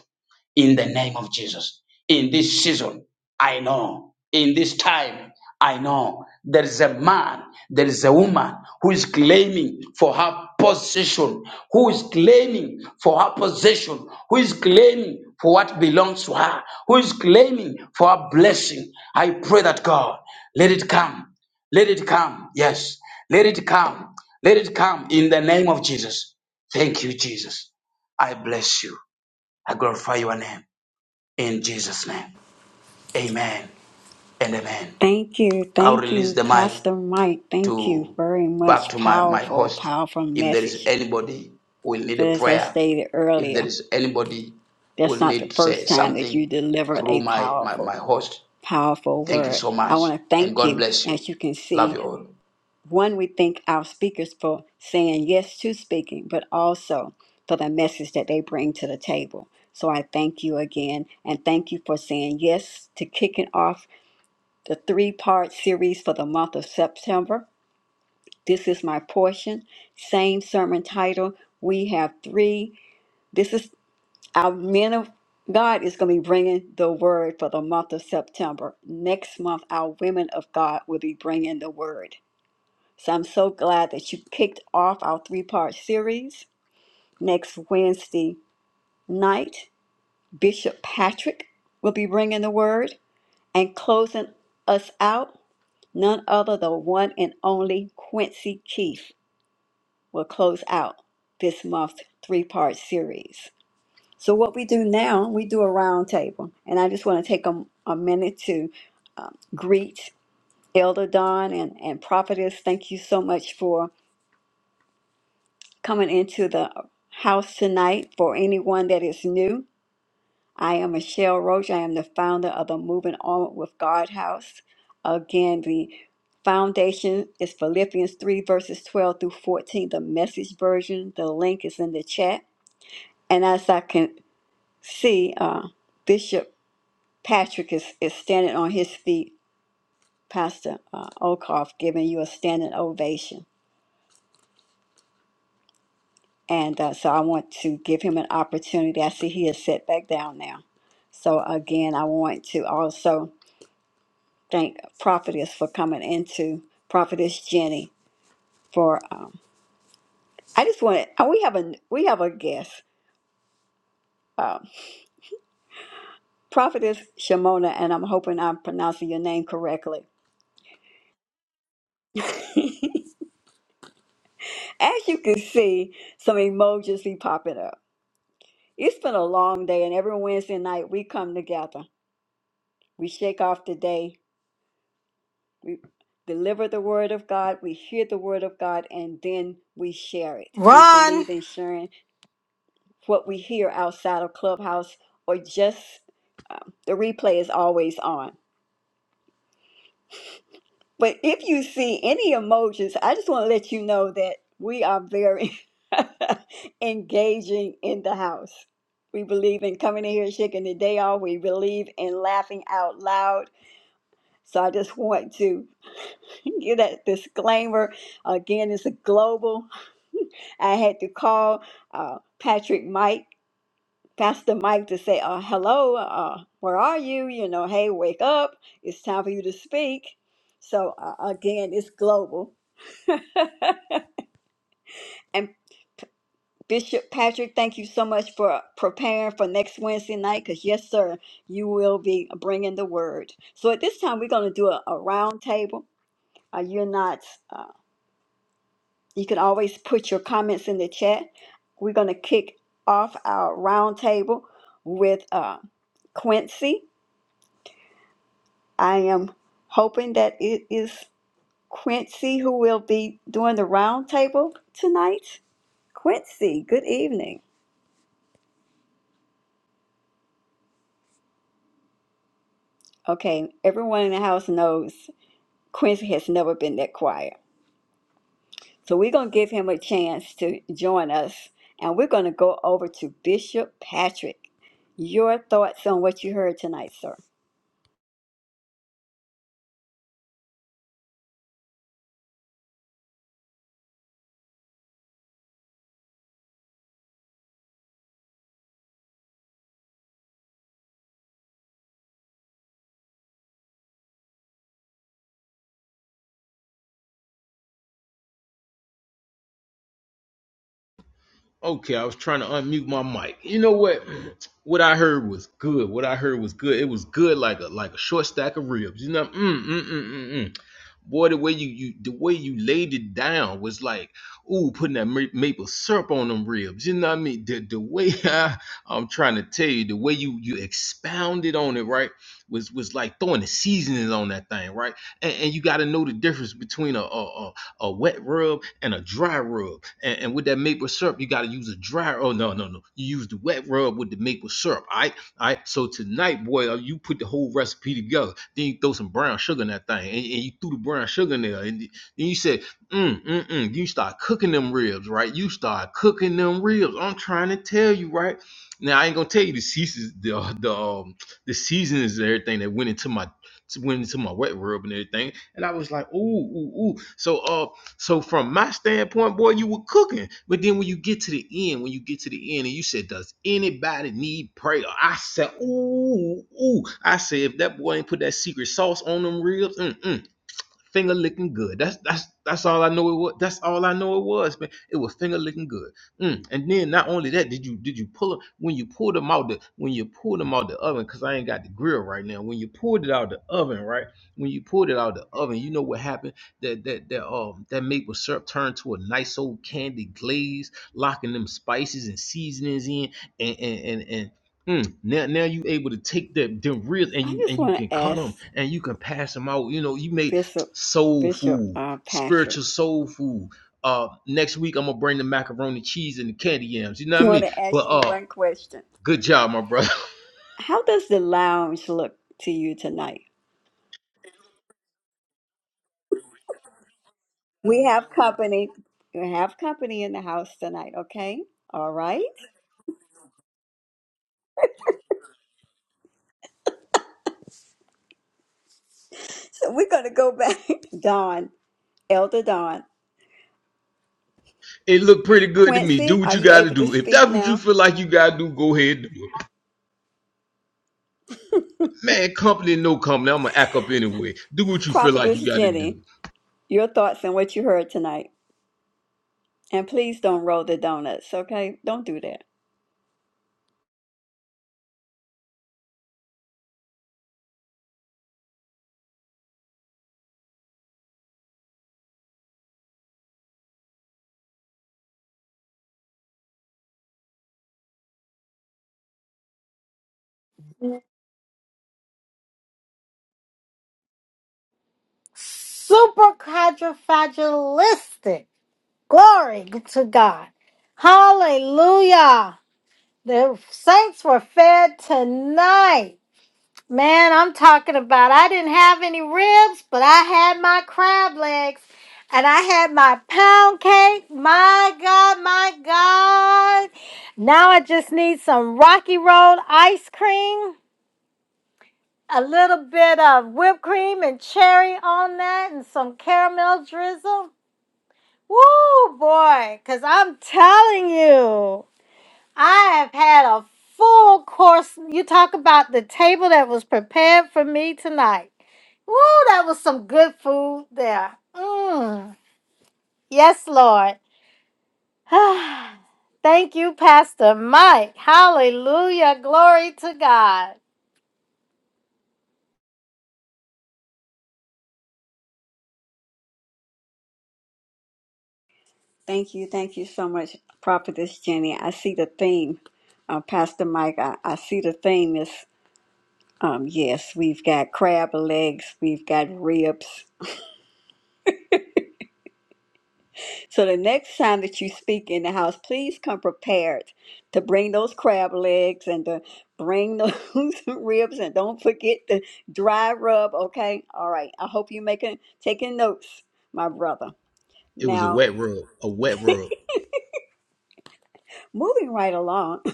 Speaker 5: in the name of Jesus. In this season, I know. In this time, I know. There is a man, there is a woman who is claiming for her possession, who is claiming for her possession, who is claiming for what belongs to her, who is claiming for her blessing. I pray that God, let it come. Let it come. Yes. Let it come. Let it come in the name of Jesus. Thank you, Jesus. I bless you. I glorify your name in Jesus' name. Amen and amen.
Speaker 1: Thank you.
Speaker 5: I'll
Speaker 1: Thank
Speaker 5: release
Speaker 1: you,
Speaker 5: the mic
Speaker 1: Pastor Mike. Thank you
Speaker 5: to
Speaker 1: very
Speaker 5: back
Speaker 1: much.
Speaker 5: to my, my
Speaker 1: Powerful,
Speaker 5: host.
Speaker 1: powerful
Speaker 5: If there is
Speaker 1: message.
Speaker 5: anybody who will need a
Speaker 1: But as I
Speaker 5: prayer,
Speaker 1: stated
Speaker 5: if there
Speaker 1: earlier,
Speaker 5: is anybody who
Speaker 1: that's
Speaker 5: will
Speaker 1: not
Speaker 5: need
Speaker 1: the
Speaker 5: to say
Speaker 1: first time that you
Speaker 5: something
Speaker 1: delivered
Speaker 5: through
Speaker 1: a
Speaker 5: my, my,
Speaker 1: powerful,
Speaker 5: my host,
Speaker 1: powerful
Speaker 5: thank you
Speaker 1: word.
Speaker 5: so
Speaker 1: I
Speaker 5: much.
Speaker 1: want to
Speaker 5: And
Speaker 1: thank
Speaker 5: God
Speaker 1: you,
Speaker 5: bless you.
Speaker 1: as you can
Speaker 5: Love
Speaker 1: see.
Speaker 5: you all.
Speaker 1: One, we thank our speakers for saying yes to speaking, but also for the message that they bring to the table. So I thank you again and thank you for saying yes to kicking off the three part series for the month of September. This is my portion. Same sermon title. We have three. This is our men of God is going to be bringing the word for the month of September. Next month, our women of God will be bringing the word. So I'm so glad that you kicked off our three part series. Next Wednesday night, Bishop Patrick will be bringing the word and closing us out. None other than the one and only Quincy Keith will close out this month's three part series. So, what we do now, we do a round table. And I just want to take a, a minute to greet Elder Don and, and Prophetess. Thank you so much for coming into the house tonight for anyone that is new. I am Michelle Roach. I am the founder of the Moving On with God House. Again, the foundation is Philippians 3, verses 12 through 14, the message version. The link is in the chat. And as I can see, uh, Bishop Patrick is, is standing on his feet. Pastor uh, Okoff giving you a standing ovation. And uh, so I want to give him an opportunity. I see he is set back down now. So again, I want to also thank Prophetess for coming into Prophetess Jenny for. Um, I just want to, we have a we have a guest, um, Prophetess Shimona, and I'm hoping I'm pronouncing your name correctly. As you can see, some emojis be popping up. It's been a long day, and every Wednesday night we come together. We shake off the day We deliver the word of God, we hear the word of God, and then we share it. We
Speaker 4: Ron,
Speaker 1: believe in sharing what we hear outside of Clubhouse or just the replay is always on. But if you see any emojis, I just want to let you know that we are very engaging in the house. We believe in coming in here, shaking the day off. We believe in laughing out loud. So I just want to Give that disclaimer. Again, it's a global. I had to call uh, Patrick Mike, Pastor Mike, to say, uh, hello, uh, where are you? You know, hey, wake up. It's time for you to speak. So, uh, again, it's global. And Bishop Patrick, thank you so much for preparing for next Wednesday night because, yes, sir, you will be bringing the word. So, at this time, we're going to do a, a round table. Uh, you're not. Uh, You can always put your comments in the chat. We're going to kick off our roundtable with uh, Quincy. I am hoping that it is Quincy who will be doing the roundtable tonight. Quincy, good evening. Okay, everyone in the house knows Quincy has never been that quiet. So we're going to give him a chance to join us and we're going to go over to Bishop Patrick. Your thoughts on what you heard tonight, sir?
Speaker 3: Okay, I was trying to unmute my mic. You know what? What I heard was good. What I heard was good. It was good like a like a short stack of ribs. You know, mm, mm, mm, mm, mm. boy, the way you you the way you laid it down was like, ooh, putting that ma- maple syrup on them ribs. You know what I mean? The the way I, I'm trying to tell you, the way you you expounded on it, right, was was like throwing the seasonings on that thing, right? And, and you got to know the difference between a, a, a wet rub and a dry rub. And, and with that maple syrup, you got to use a dry. Oh no, no, no! You use the wet rub with the maple syrup. All right, all right. So tonight, boy, uh, you put the whole recipe together. Then you throw some brown sugar in that thing, and, and you threw the brown sugar in there, and then you said, mm, mm, mm. You start cooking them ribs, right? You start cooking them ribs. I'm trying to tell you, right? Now I ain't gonna tell you the seasons, the the um, the seasons and everything that went into my went into my wet rub and everything. And I was like, ooh, ooh, ooh. So uh so from my standpoint, boy, you were cooking. But then when you get to the end, when you get to the end and you said, Does anybody need prayer? I said, ooh, ooh. I said, if that boy ain't put that secret sauce on them ribs, mm-mm finger licking good. That's that's that's all I know it was. That's all I know it was, man. It was finger licking good. Mm. And then not only that, did you did you pull it when you pulled them out the when you pulled them out the oven? Cause I ain't got the grill right now. When you pulled it out the oven, right? When you pulled it out the oven, you know what happened? That that that um that maple syrup turned to a nice old candy glaze, locking them spices and seasonings in, and and and. and Mm, now, now you able to take that them ribs and
Speaker 1: I
Speaker 3: you
Speaker 1: just
Speaker 3: and you
Speaker 1: want
Speaker 3: can
Speaker 1: to
Speaker 3: cut
Speaker 1: ask
Speaker 3: them and you can pass them out. You know, you may
Speaker 1: Bishop
Speaker 3: soul
Speaker 1: Bishop
Speaker 3: food,
Speaker 1: uh, Patrick.
Speaker 3: spiritual soul food. Uh, next week I'm gonna bring the macaroni cheese and the candy yams. You know
Speaker 1: I
Speaker 3: what I
Speaker 1: want
Speaker 3: mean?
Speaker 1: to
Speaker 3: But
Speaker 1: ask you
Speaker 3: uh,
Speaker 1: one question.
Speaker 3: good job, my brother.
Speaker 1: How does the lounge look to you tonight? We have company. We have company in the house tonight. Okay. All right. So we're going to go back. Don, Elder Don,
Speaker 3: It looked pretty good to me. Do
Speaker 1: Quincy,
Speaker 3: what
Speaker 1: are
Speaker 3: you
Speaker 1: you
Speaker 3: gotta
Speaker 1: able to
Speaker 3: do. If
Speaker 1: speak
Speaker 3: that's what you
Speaker 1: now?
Speaker 3: feel like you gotta do, go ahead and do it. Man, company, no company. I'm gonna act up anyway. Do what you feel like you
Speaker 1: Prophetess
Speaker 3: gotta do.
Speaker 1: Jenny, your thoughts on what you heard tonight, and please don't roll the donuts. Okay. Don't do that.
Speaker 4: super quadrifagilistic. Glory to God. Hallelujah. The saints were fed tonight. Man, I'm talking about I didn't have any ribs, but I had my crab legs and I had my pound cake. My God, my God. Now I just need some Rocky Road ice cream. a little bit of whipped cream and cherry on that and some caramel drizzle. Woo, boy, because I'm telling you, I have had a full course. You talk about the table that was prepared for me tonight. Woo, that was some good food there. Mmm. Yes, Lord. Thank you, Pastor Mike. Hallelujah. Glory to God.
Speaker 1: Thank you. Thank you so much, Prophetess Jenny. I see the theme, uh, Pastor Mike. I, I see the theme is um, yes, we've got crab legs, we've got ribs. So the next time that you speak in the house, please come prepared to bring those crab legs and to bring those ribs and don't forget the dry rub, okay? All right. I hope you're making taking notes, my brother.
Speaker 3: It was a
Speaker 1: Now,
Speaker 3: wet rub. A wet rub.
Speaker 1: moving right along,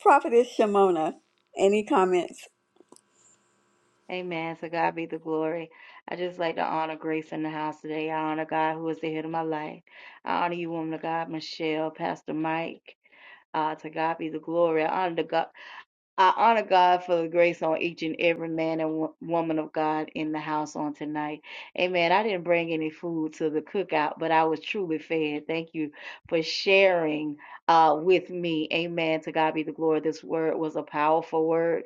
Speaker 1: Prophetess Shimona, any comments?
Speaker 6: Amen. So God be the glory. I just like to honor Grace in the house today. I honor God who is the head of my life. I honor you, woman of God, Michelle, Pastor Mike. Uh, to God be the glory. I honor the God. I honor God for the grace on each and every man and wo- woman of God in the house on tonight. Amen. I didn't bring any food to the cookout, but I was truly fed. Thank you for sharing uh, with me. Amen. To God be the glory. This word was a powerful word.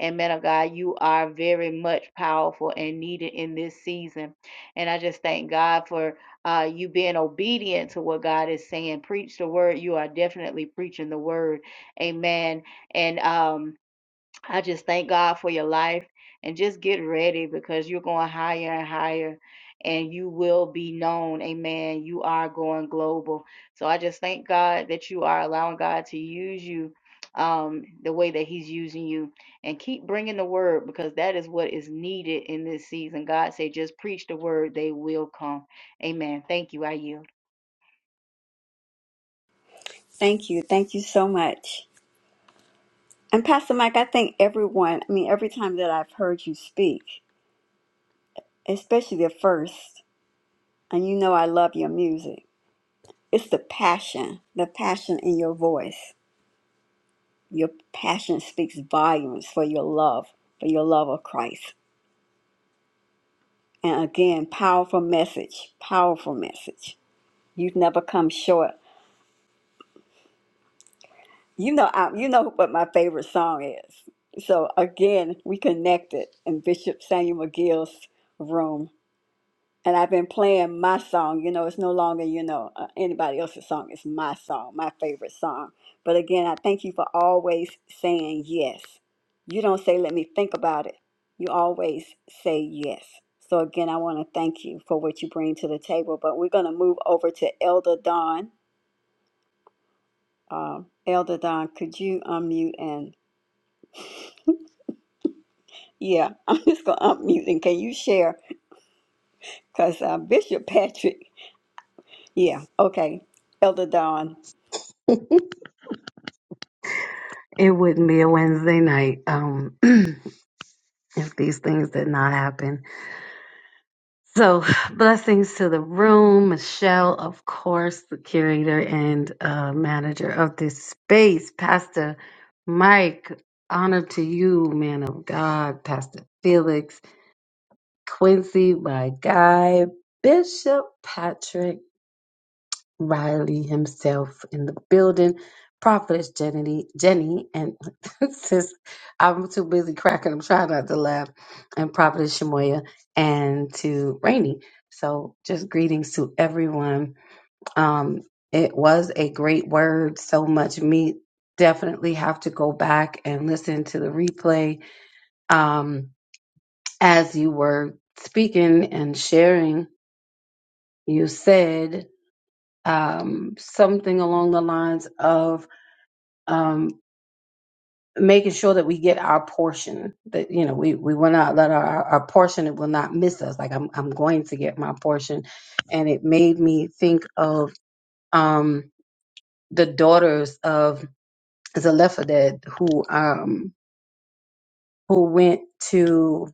Speaker 6: And man of God, you are very much powerful and needed in this season. And I just thank God for uh, you being obedient to what God is saying. Preach the word. You are definitely preaching the word. Amen and um, I just thank God for your life and just get ready because you're going higher and higher and you will be known. Amen. You are going global. So I just thank God that you are allowing God to use you um, the way that He's using you and keep bringing the word because that is what is needed in this season. God said, just preach the word, they will come. Amen. Thank you. I yield.
Speaker 1: Thank you. Thank you so much. And Pastor Mike, I think everyone, I mean, every time that I've heard you speak, especially the first, and you know I love your music, it's the passion, the passion in your voice. Your passion speaks volumes for your love, for your love of Christ. And again, powerful message, powerful message. You've never come short. You know, I, you know what my favorite song is. So again, we connected in Bishop Samuel McGill's room and I've been playing my song. You know, it's no longer you know uh, anybody else's song. It's my song, my favorite song. But again, I thank you for always saying yes. You don't say let me think about it. You always say yes. So again, I want to thank you for what you bring to the table. But we're going to move over to Elder Don. Um, Elder Don, could you unmute and yeah, I'm just going to unmute and can you share? Because uh, Bishop Patrick, yeah, okay. Elder Don.
Speaker 7: It wouldn't be a Wednesday night um, if these things did not happen. So, blessings to the room, Michelle, of course, the curator and uh, manager of this space, Pastor Mike. Honor to you, man of God, Pastor Felix, Quincy, my guy, Bishop Patrick. Riley himself in the building, Prophetess Jenny, Jenny, and sis, I'm too busy cracking. I'm trying not to laugh. And Prophetess Shemoya, and to Rainey. So, just greetings to everyone. Um, it was a great word. So much meat. Definitely have to go back and listen to the replay. Um, as you were speaking and sharing, you said um, something along the lines of um, making sure that we get our portion. That you know, we we will not let our, our portion it will not miss us. Like I'm I'm going to get my portion, and it made me think of um, the daughters of Zelophehad who um who went to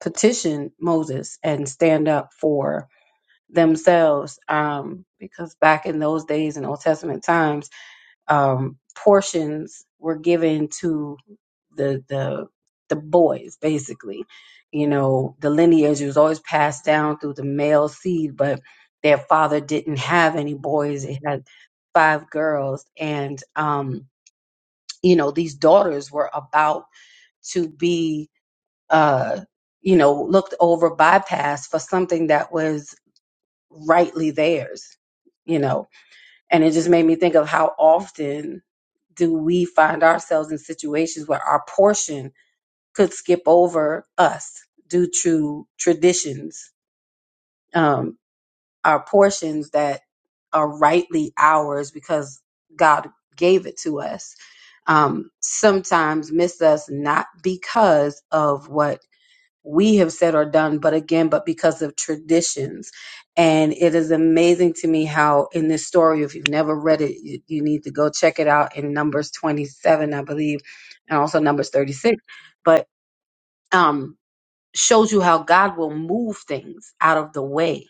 Speaker 7: petition Moses and stand up for themselves um because back in those days in Old Testament times um, portions were given to the the the boys basically you know the lineage was always passed down through the male seed but their father didn't have any boys it had five girls and um you know these daughters were about to be uh you know looked over bypassed for something that was rightly theirs you know and it just made me think of how often do we find ourselves in situations where our portion could skip over us due to traditions, um, our portions that are rightly ours because God gave it to us, um, sometimes miss us not because of what we have said or done, but again, but because of traditions. And it is amazing to me how in this story, if you've never read it, you, you need to go check it out in Numbers 27, I believe, and also Numbers 36. But um shows you how God will move things out of the way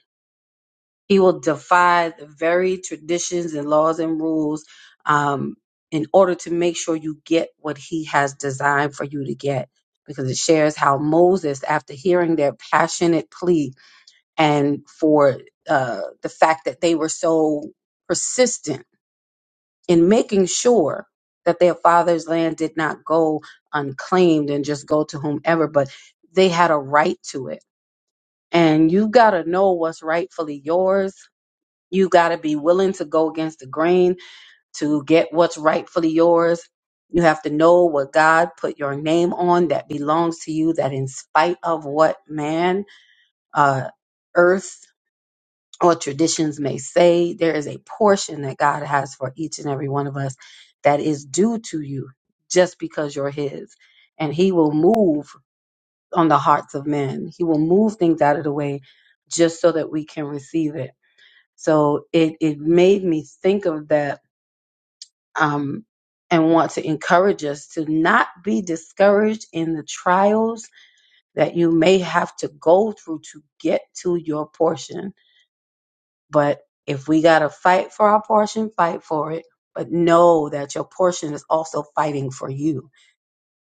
Speaker 7: he will defy the very traditions and laws and rules um, in order to make sure you get what he has designed for you to get. Because it shares how Moses, after hearing their passionate plea and for uh, the fact that they were so persistent in making sure that their father's land did not go unclaimed and just go to whomever, but they had a right to it. And you've got to know what's rightfully yours you got to be willing to go against the grain to get what's rightfully yours. You have to know what God put your name on that belongs to you, that in spite of what man, uh, earth, or traditions may say, there is a portion that God has for each and every one of us that is due to you just because you're His. And He will move on the hearts of men, He will move things out of the way just so that we can receive it so it it made me think of that um, and want to encourage us to not be discouraged in the trials that you may have to go through to get to your portion. But if we gotta fight for our portion, fight for it. But know that your portion is also fighting for you,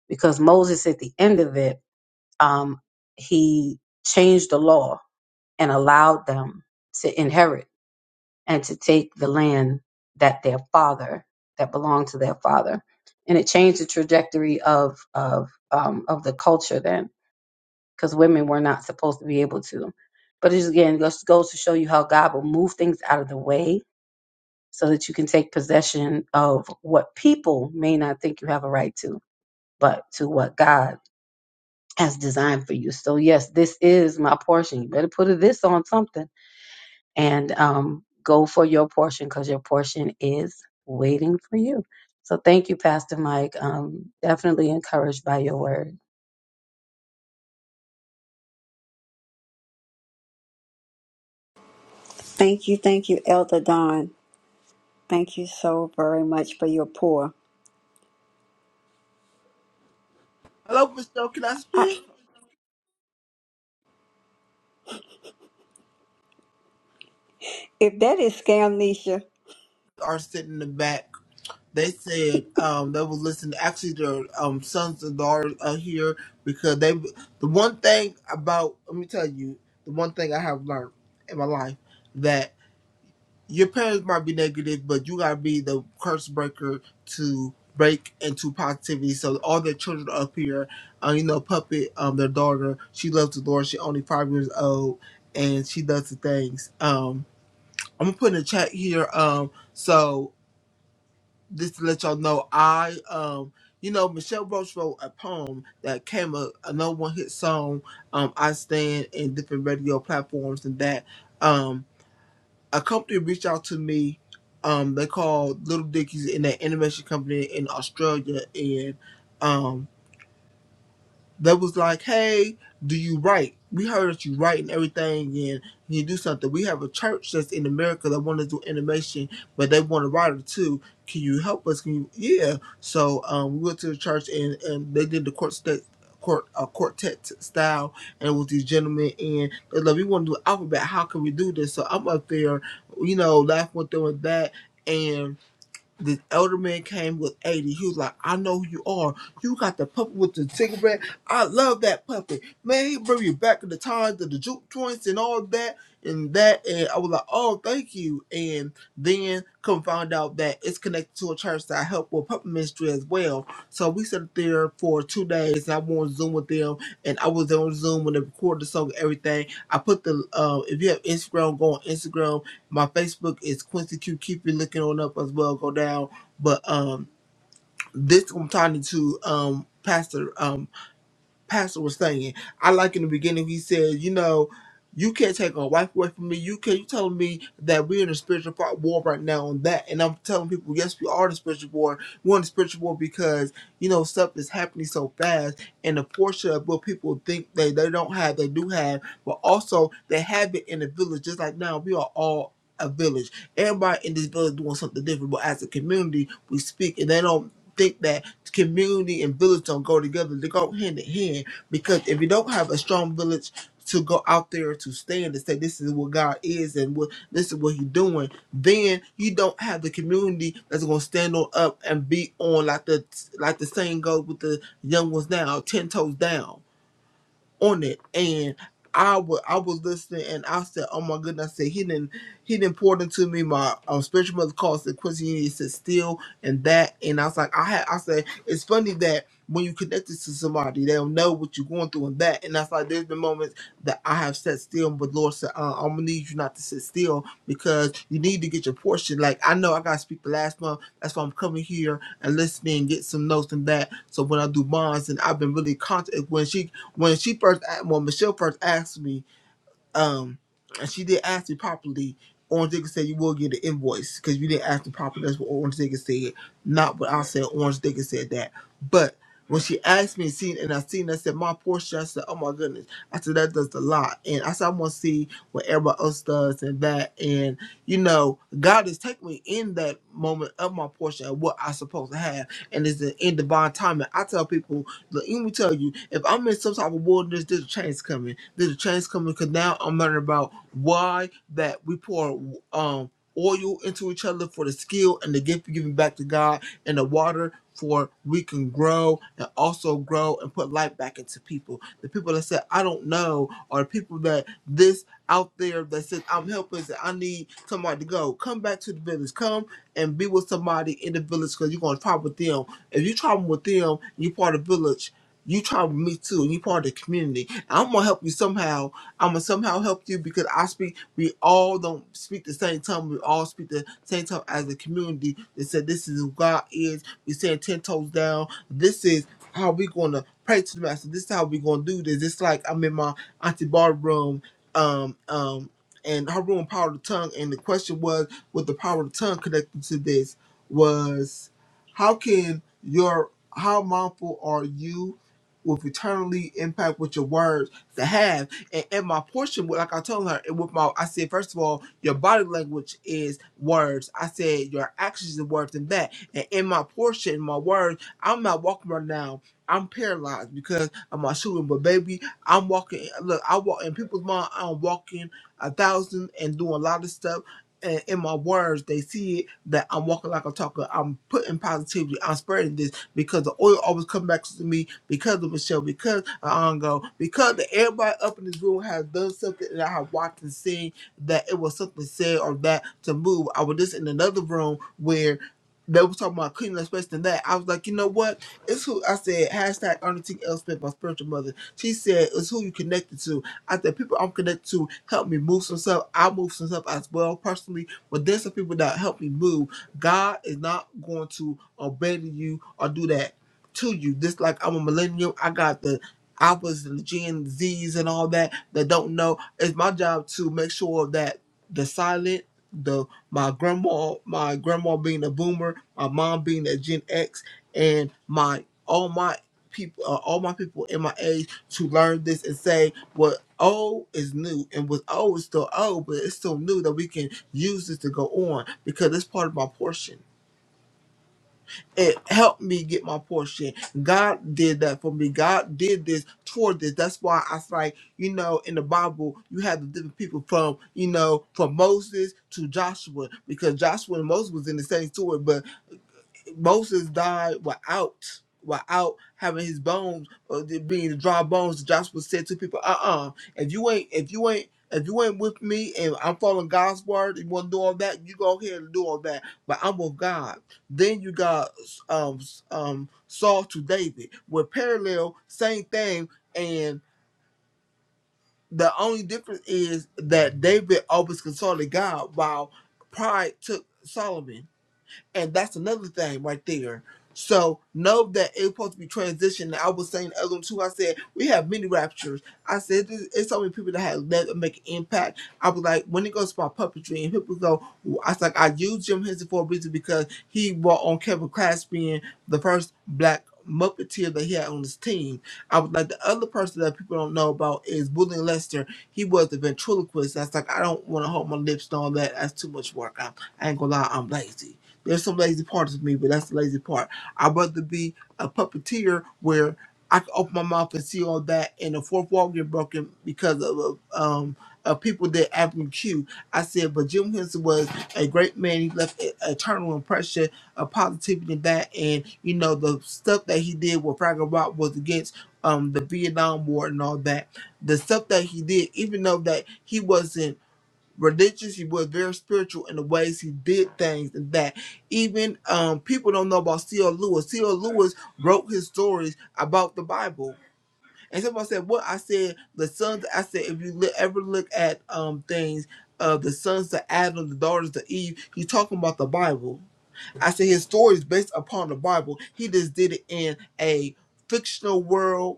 Speaker 7: because Moses at the end of it, um, he changed the law and allowed them to inherit. and to take the land that their father that belonged to their father and it changed the trajectory of of um, of the culture then because women were not supposed to be able to but it just, again just goes to show you how god will move things out of the way so that you can take possession of what people may not think you have a right to but to what god has designed for you so yes this is my portion you better put a this on something and um, go for your portion because your portion is waiting for you. So thank you, Pastor Mike. Um, definitely encouraged by your word.
Speaker 1: Thank you, thank you, Elder Don. Thank you so very much for your pour.
Speaker 8: Hello, Michelle. Can I
Speaker 1: I,
Speaker 8: speak?
Speaker 1: if that is scamnesia,
Speaker 8: Are sitting in the back. They said um, they was listening. Actually, their um, sons and daughters are here because they. The one thing about let me tell you, the one thing I have learned in my life that your parents might be negative, but you gotta be the curse breaker to break into positivity. So all their children are up here, uh, you know, puppet, um, their daughter, she loves the Lord. She only five years old, and she does the things. Um, I'm gonna put in the chat here. Um, so just to let y'all know, I um, you know, Michelle Roach wrote a poem that came a, a no one hit song. Um, I stand in different radio platforms and that. Um, a company reached out to me. Um, they called Little Dickies in that animation company in Australia, and um, that was like, hey, do you write? We heard that you write and everything and you do something. We have a church that's in America that want to do animation, but they want a writer too. Can you help us? Can you? Yeah. So um, we went to the church and, and they did the court state. Court, uh, quartet style, and it was these gentlemen, and they're like, "We want to do alphabet. How can we do this?" So I'm up there, you know, laughing with them with that, and. This elder man came with 80. He was like, I know who you are. You got the puppet with the cigarette. I love that puppet. Man, he bring you back to the times of the juke joints and all that and that. And I was like, oh, thank you. And then come find out that it's connected to a church that I help with puppet ministry as well. So we sat there for two days and I went on Zoom with them. And I was on Zoom when they recorded the song and everything. I put the, uh, if you have Instagram, go on Instagram my Facebook is Quincy Q. Keep it looking on up as well. Go down. But um, this I'm talking to um Pastor. um pastor was saying. I like in the beginning he said, you know, you can't take a wife away from me. You can't. You telling me that we're in a spiritual fi- war right now on that, and I'm telling people, yes, we are in a spiritual war. We're in a spiritual war because you know stuff is happening so fast, and the portion of what people think they they don't have, they do have, but also they have it in the village. Just like now, we are all a village. Everybody in this village doing something different, but as a community, we speak, and they don't think that community and village don't go together. They go hand in hand because if you don't have a strong village to go out there to stand and say this is what God is and what this is what He's doing, then you don't have the community that's gonna stand on up and be on like the like the saying goes with the young ones now, ten toes down on it and I was I was listening and I said, Oh my goodness, I said he didn't he didn't pour it into me my um, spiritual mother calls the Quincy You need to sit still and that and I was like I had I said it's funny that when you connect it to somebody they'll know what you're going through and that and that's like there's been moments that I have sat still but Lord said uh, I'm gonna need you not to sit still because you need to get your portion like I know I gotta speak the last month that's why I'm coming here and listening get some notes and that so when I do bonds and I've been really conscious when she when she first a- when Michelle first asked me, um, and she did ask me properly, Orange Digger said you will get an invoice because you didn't ask me properly. That's what Orange Digger said, not what I said. Orange Digger said that, but when she asked me, seen and I seen, I said my portion. I said, oh my goodness. I said that does a lot, and I said I want to see what everybody else does and that, and you know, God has taken me in that moment of my portion of what I supposed to have, and it's in divine timing. I tell people Look, let me tell you, if I'm in some type of wilderness, there's a change coming. There's a change coming because now I'm learning about why that we pour um oil into each other for the skill and the gift of giving back to God and the water for we can grow and also grow and put life back into people. The people that said, I don't know, or the people that this out there that said, I'm helpless and I need somebody to go. Come back to the village. Come and be with somebody in the village because you're going to talk with them if you traveling with them, you part of the village. You travel with me too, and you part of the community. And I'm gonna help you somehow. I'm gonna somehow help you because I speak. We all don't speak the same tongue. We all speak the same tongue as a community. They said this is who God is. We stand ten toes down. This is how we gonna pray to the Master. This is how we gonna do this. It's like I'm in my auntie bar room. Um, um, and her room power of the tongue. And the question was, with the power of the tongue connected to this, was how can your how mindful are you with eternally impact with your words to have and, and my portion like i told her and with my i said first of all your body language is words i said your actions are words and that and in my portion my words i'm not walking right now i'm paralyzed because of my shooting but baby i'm walking look i walk in people's mind i'm walking a thousand and doing a lot of stuff and in my words, they see it that I'm walking like a talker. I'm putting positivity. I'm spreading this because the oil always comes back to me because of Michelle, because of Ongo, because the, everybody up in this room has done something that I have watched and seen that it was something said or that to move. I was just in another room where they was talking about cleaning up space than that. I was like, you know what? It's who I said, hashtag Ernestine Elspeth, my spiritual mother. She said, it's who you connected to. I said people I'm connected to help me move some stuff. I move some stuff as well personally, but there's some people that help me move. God is not going to abandon you or do that to you. Just like I'm a millennial, I got the alphas and the Gen Zs and all that that don't know. It's my job to make sure that the silent the my grandma my grandma being a boomer my mom being a gen x and my all my people uh, all my people in my age to learn this and say what old is new and what's old is still old, but it's still new that we can use this to go on because it's part of my portion. It helped me get my portion. God did that for me. God did this toward this. That's why I was like, you know, in the Bible, you have the different people from, you know, from Moses to Joshua, because Joshua and Moses was in the same story, Moses died without without having his bones or the- being the dry bones. Joshua said to people, "Uh uh if you ain't if you ain't if you ain't with me and I'm following God's word, you want to do all that, you go ahead and do all that. But I'm with God." Then you got um um Saul to David, with parallel same thing, and the only difference is that David always consulted God, while pride took Solomon. And that's another thing right there. So know that it's supposed to be transitioning. I was saying the other one too. I said we have many raptures. I said this, it's so many people that have left and make an impact. I was like, when it goes to my puppetry, and people go, I was like, I use Jim Henson for a reason because he brought on Kevin Clash being the first black Muppeteer that he had on his team. I was like, the other person that people don't know about is William Lester. He was the ventriloquist. That's like, I don't want to hold my lips and all that. That's too much work. I, I ain't gonna lie, I'm lazy. There's some lazy parts of me, but that's the lazy part. I'd rather be a puppeteer where I can open my mouth and see all that, and the fourth wall get broken because of uh, um of people that Avenue Q. I said, but Jim Henson was a great man. He left an eternal impression of positivity in that, and you know the stuff that he did with Fraggle Rock was against um the Vietnam War and all that. The stuff that he did, even though that he wasn't religious. He was very spiritual in the ways he did things and that. Even um, people don't know about C.L. Lewis. C.L. Lewis wrote his stories about the Bible. And somebody said, "What I said, the sons." I said, if you li- ever look at um things, uh, the sons to Adam, the daughters to Eve, he's talking about the Bible. I said his story is based upon the Bible. He just did it in a fictional world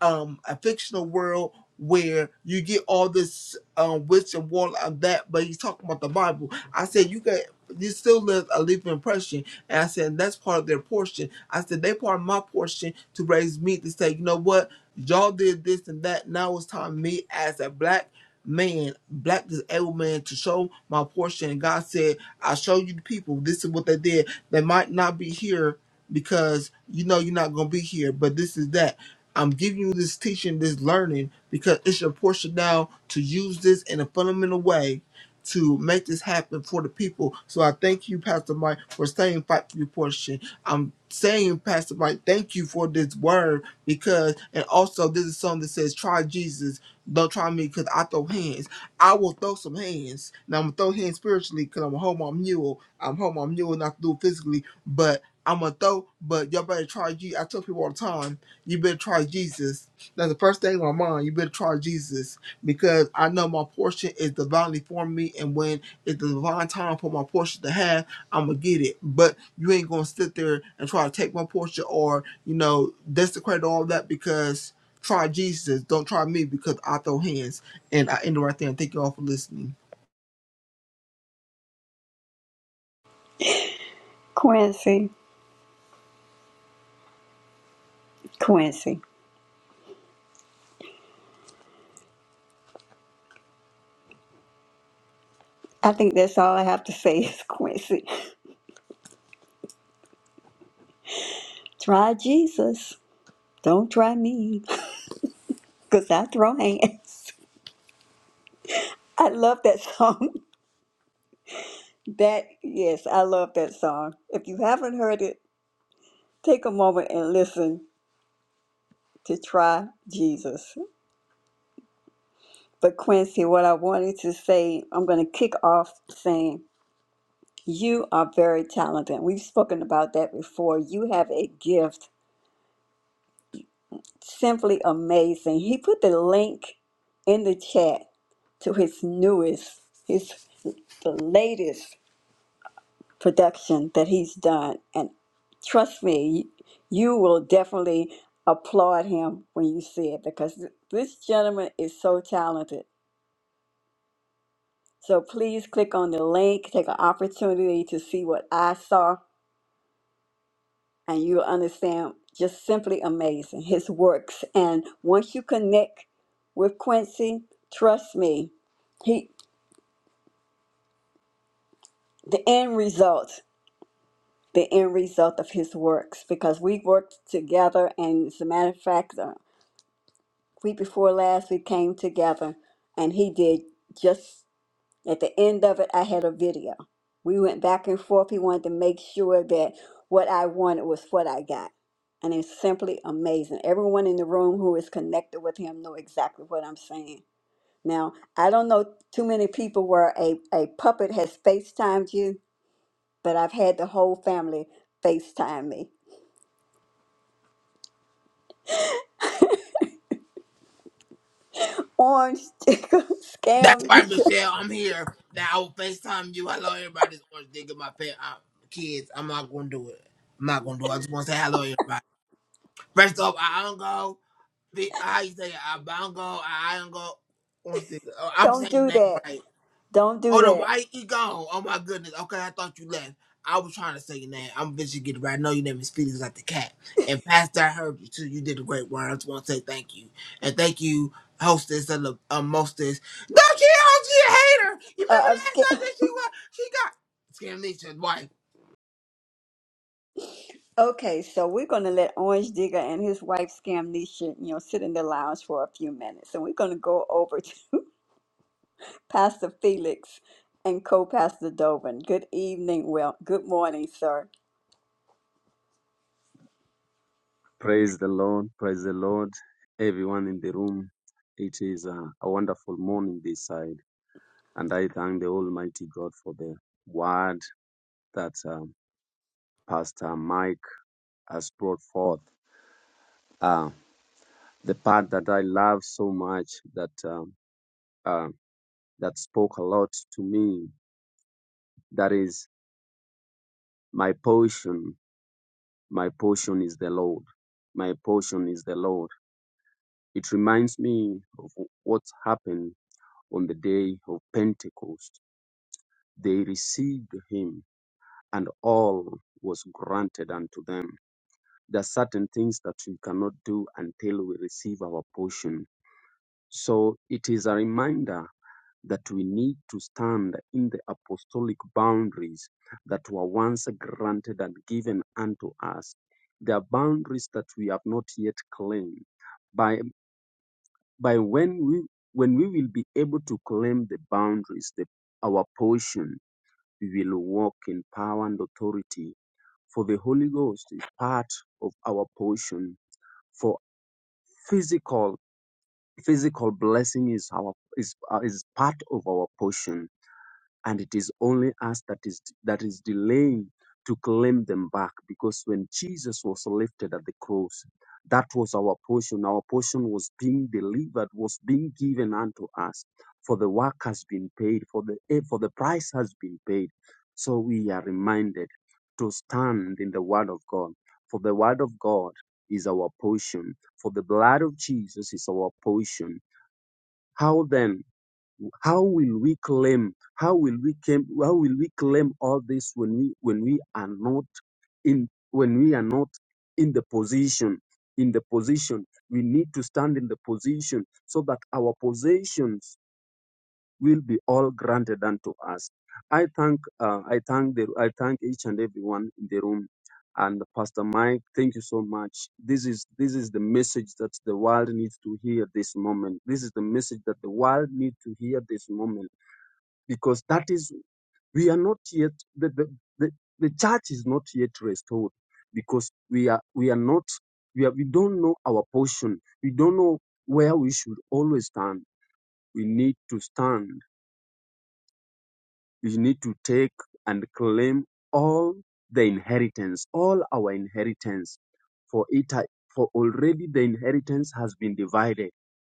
Speaker 8: um a fictional world where you get all this um witch and warlock and that, but he's talking about the Bible. I said you can you still live a living impression. And I said that's part of their portion. I said they part of my portion to raise me to say, you know what, y'all did this and that. Now it's time for me as a black man, black disabled man to show my portion. And God said, I show you the people. This is what they did. They might not be here because you know you're not gonna be here, but this is that. I'm giving you this teaching, this learning, because it's your portion now to use this in a fundamental way to make this happen for the people. So I thank you, Pastor Mike, for saying fight for your portion. I'm saying, Pastor Mike, thank you for this word because, and also this is something that says, try Jesus. Don't try me because I throw hands. I will throw some hands. Now I'm going to throw hands spiritually because I'm a hold my mule. I'm home my mule, not to do it physically, but I'm going to throw, but y'all better try Jesus. I tell people all the time, you better try Jesus. That's the first thing in my mind. You better try Jesus because I know my portion is divinely for me, and when it's the divine time for my portion to have, I'm gonna get it. But you ain't gonna sit there and try to take my portion or you know desecrate all that because try Jesus. Don't try me because I throw hands. And I end it right there. And thank you all for listening.
Speaker 1: Quincy, Quincy. I think that's all I have to say is Quincy. Try Jesus. Don't try me, because I throw hands. I love that song. That, yes, I love that song. If you haven't heard it, take a moment and listen to Try Jesus. But Quincy, what I wanted to say, I'm going to kick off saying You are very talented. We've spoken about that before. You have a gift simply amazing. He put the link in the chat to his newest, his the latest production that he's done. And trust me, you will definitely applaud him when you see it because th- this gentleman is so talented. So please click on the link, take an opportunity to see what I saw and you'll understand just simply amazing his works and once you connect with quincy trust me he the end result the end result of his works because we worked together and as a matter of fact the week before last we came together and he did just At the end of it, I had a video. We went back and forth. He wanted to make sure that what I wanted was what I got. And it's simply amazing. Everyone in the room who is connected with him know exactly what I'm saying. Now, I don't know too many people where a, a puppet has FaceTimed you, but I've had the whole family FaceTime me. Orange,
Speaker 8: That's
Speaker 1: scam
Speaker 8: right,
Speaker 1: me.
Speaker 8: Michelle. I'm here. Now I will FaceTime you. Hello, everybody. I- I'm not going to do it. I'm not going to do it. I just want to say hello, everybody. First off, I don't go. The I say Abango, Iango, what's oh, I'm
Speaker 1: Don't
Speaker 8: saying the
Speaker 1: do
Speaker 8: name
Speaker 1: that.
Speaker 8: right.
Speaker 1: Don't
Speaker 8: Oh
Speaker 1: do
Speaker 8: no,
Speaker 1: that.
Speaker 8: why he gone? Oh my goodness. Okay, I thought you left. I was trying to say your name. I'm bitching get it right. I know your name is Felix like the cat. And Pastor, I heard you too. You did a great work. I just want to say thank you. And thank you, hostess and the um, mostess. No, she, oh, she a hater. You
Speaker 1: Uh,
Speaker 8: remember
Speaker 1: I'm
Speaker 8: last
Speaker 1: scared.
Speaker 8: time that she was, she got, scared wife.
Speaker 1: Okay, so we're going to let Orange Digger and his wife Scamnesha, you know, sit in the lounge for a few minutes, and we're going to go over to Pastor Felix and co-pastor Dovin. Good evening, well, good morning, sir.
Speaker 2: Praise the Lord, praise the Lord, everyone in the room. It is a, a wonderful morning this side, and I thank the Almighty God for the word that um, Pastor Mike has brought forth. Uh, the part that I love so much that. Um, uh, that spoke a lot to me. That is my portion. My portion is the Lord. My portion is the Lord. It reminds me of what happened on the day of Pentecost. They received him and all was granted unto them. There are certain things that we cannot do until we receive our portion. So it is a reminder that we need to stand in the apostolic boundaries that were once granted and given unto us. There are boundaries that we have not yet claimed. By, by when we when we will be able to claim the boundaries, the, our portion, we will walk in power and authority. For the Holy Ghost is part of our portion. For physical physical blessing is our is, uh, is part of our portion and it is only us that is that is delaying to claim them back because when Jesus was lifted at the cross that was our portion our portion was being delivered was being given unto us for the work has been paid for the eh, for the price has been paid so we are reminded to stand in the word of God for the word of God is our portion for the blood of Jesus is our portion how then how will we claim how will we claim how will we claim all this when we when we are not in when we are not in the position in the position we need to stand in the position so that our possessions will be all granted unto us i thank uh, i thank the i thank each and everyone in the room and pastor mike thank you so much this is this is the message that the world needs to hear this moment this is the message that the world needs to hear this moment because that is we are not yet the, the, the, the church is not yet restored because we are we are not we are, we don't know our portion we don't know where we should always stand we need to stand you need to take and claim all the inheritance, all our inheritance, for it ha- for already the inheritance has been divided.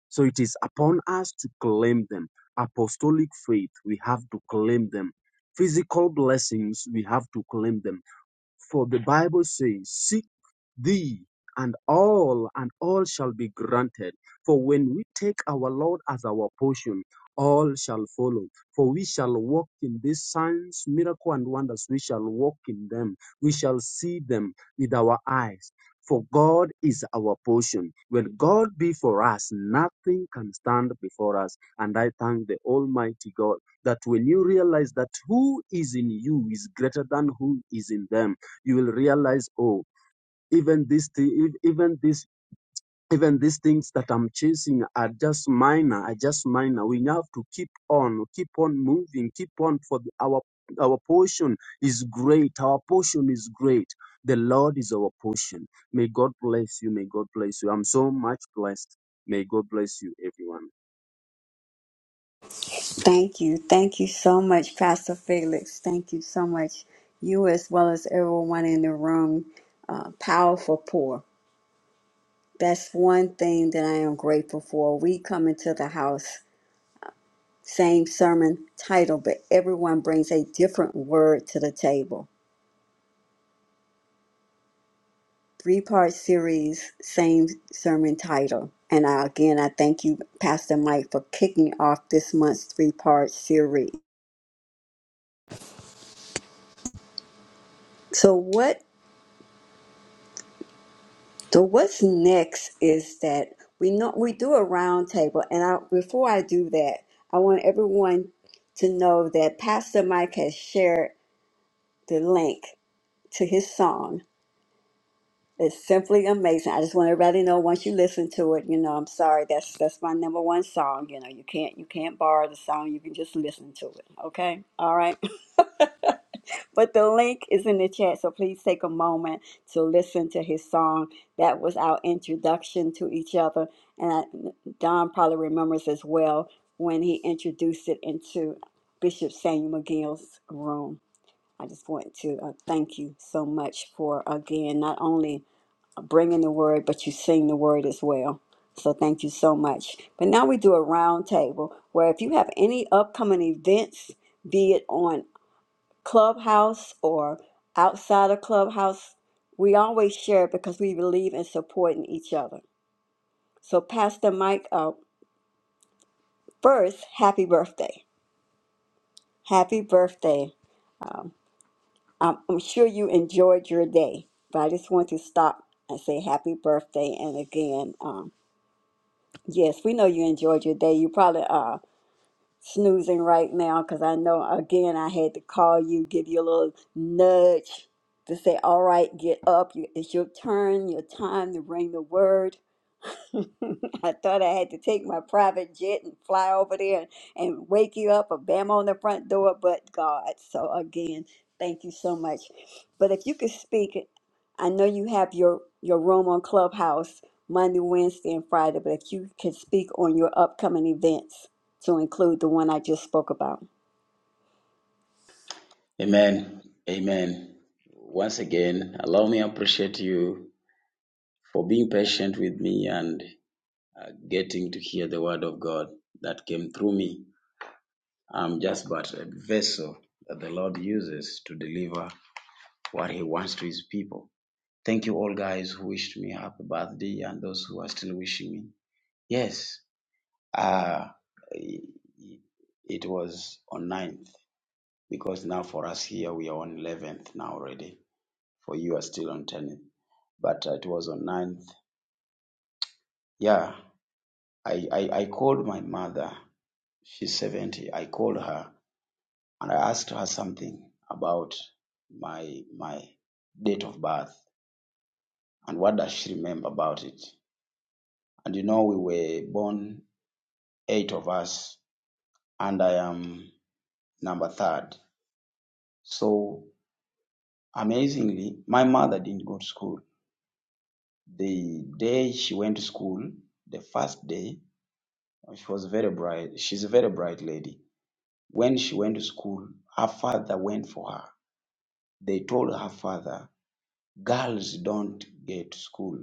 Speaker 2: So it is upon us to claim them. Apostolic faith, we have to claim them. Physical blessings, we have to claim them for the Bible says, Seek thee and all, and all shall be granted. For when we take our Lord as our portion, all shall follow. For we shall walk in these signs, miracle, and wonders. We shall walk in them. We shall see them with our eyes. For God is our portion. When God be for us, nothing can stand before us. And I thank the Almighty God that when you realize that who is in you is greater than who is in them, you will realize, oh, even this, thi- even this, even these things that I'm chasing are just minor, are just minor. We have to keep on, keep on moving, keep on for the, our our portion is great. Our portion is great. The Lord is our portion. May God bless you. May God bless you. I'm so much blessed. May God bless you, everyone.
Speaker 1: Thank you, thank you so much, Pastor Felix. Thank you so much, you as well as everyone in the room. Uh, powerful pour. That's one thing that I am grateful for. We come into the house Same sermon title, but everyone brings a different word to the table. Three part series, same sermon title. And I, again, I thank you, Pastor Mike, for kicking off this month's three part series. So what? So what's next is that we know we do a round table, and I, before I do that, I want everyone to know that Pastor Mike has shared the link to his song It's simply amazing. I just want everybody to know once you listen to it, you know, I'm sorry, that's that's my number one song. You know, you can't you can't borrow the song, you can just listen to it. Okay? All right. But the link is in the chat, so please take a moment to listen to his song. That was our introduction to each other. And I, Don probably remembers as well when he introduced it into Bishop Samuel McGill's room. I just want to uh, thank you so much for again not only bringing the word, but you sing the word as well. So thank you so much. But now we do a round table where if you have any upcoming events, be it on Clubhouse or outside of Clubhouse, we always share it because we believe in supporting each other. So Pastor Mike, up first, happy birthday. Happy birthday. Um, I'm, I'm sure you enjoyed your day, but I just want to stop and say happy birthday. And again, um, Yes, we know you enjoyed your day. You probably are snoozing right now because I know, again, I had to call you, give you a little nudge to say, all right, get up. You- It's your turn, your time to bring the word. I thought I had to take my private jet and fly over there and, and wake you up or bam on the front door, but God. So again, thank you so much. But if you could speak, I know you have your, your room on Clubhouse Monday, Wednesday, and Friday, but if you could speak on your upcoming events to include the one I just spoke about.
Speaker 5: Amen. Amen. Once again, allow me to appreciate you for being patient with me and uh, getting to hear the word of God that came through me. I'm just but a vessel that the Lord uses to deliver what He wants to His people. Thank you all guys who wished me happy birthday and those who are still wishing me. Yes, uh, it was on ninth because now for us here we are on 11th now already. For you are still on 10th, but it was on ninth. Yeah, I, I, I called my mother. She's 70. I called her and I asked her something about my my date of birth and what does she remember about it. And you know, we were born eight of us, and I am number third. So amazingly, my mother didn't go to school. The day she went to school, the first day, she was very bright. She's a very bright lady. When she went to school, her father went for her. They told her father girls don't get school.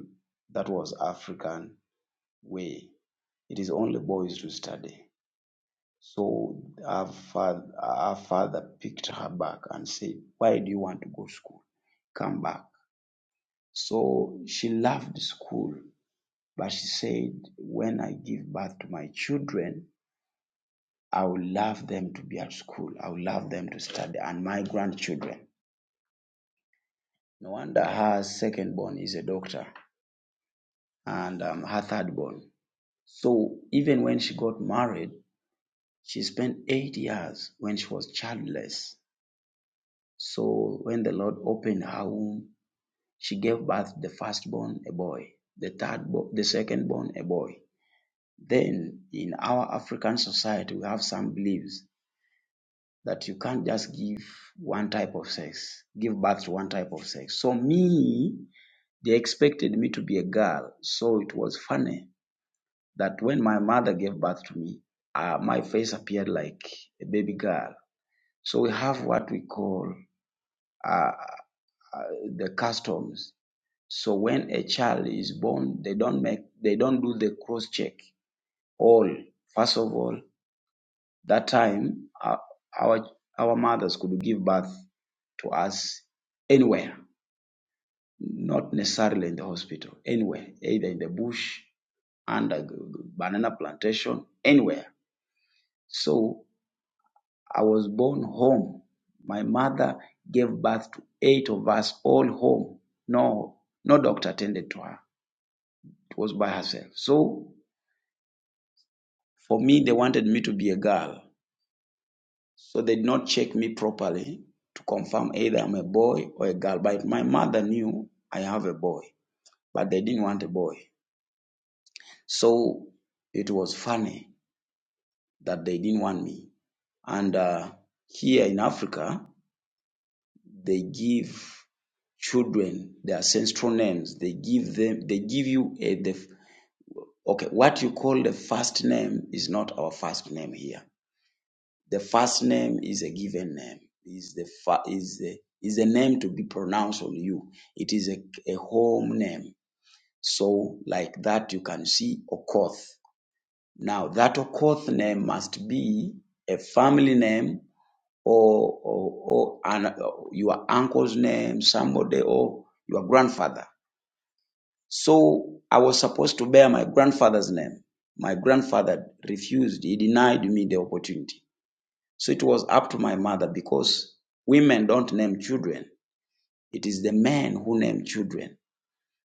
Speaker 5: That was African way. It is only boys to study. So her father, her father picked her back and said, why do you want to go to school? Come back. So she loved school, but she said, when I give birth to my children, I will love them to be at school. I will love them to study and my grandchildren. No wonder her second born is a doctor and um, her third born So even when she got married, she spent eight years when she was childless. So when the Lord opened her womb, she gave birth the firstborn a boy, the third, bo- the secondborn a boy. Then in our African society, we have some beliefs that you can't just give one type of sex, give birth to one type of sex. So me, they expected me to be a girl, so it was funny that when my mother gave birth to me, uh, my face appeared like a baby girl. So we have what we call uh, uh, the customs. So when a child is born, they don't make, they don't do the cross check. All first of all, that time uh, our our mothers could give birth to us anywhere, not necessarily in the hospital, anywhere, either in the bush, under banana plantation, anywhere. So I was born home. My mother gave birth to eight of us, all home. No, no doctor attended to her. It was by herself. So for me, they wanted me to be a girl. So they did not check me properly to confirm either I'm a boy or a girl. But my mother knew I have a boy, but they didn't want a boy. So it was funny that they didn't want me. And uh, here in Africa, they give children their ancestral names. They give them, they give you a, the, okay, what you call the first name is not our first name here. The first name is a given name, is the, fa- is the, is a name to be pronounced on you. It is a, a home name. So like that, you can see Okoth. Now that Okoth name must be a family name or, or, or an, your uncle's name, somebody, or your grandfather. So I was supposed to bear my grandfather's name. My grandfather refused, he denied me the opportunity. So it was up to my mother because women don't name children, it is the men who name children.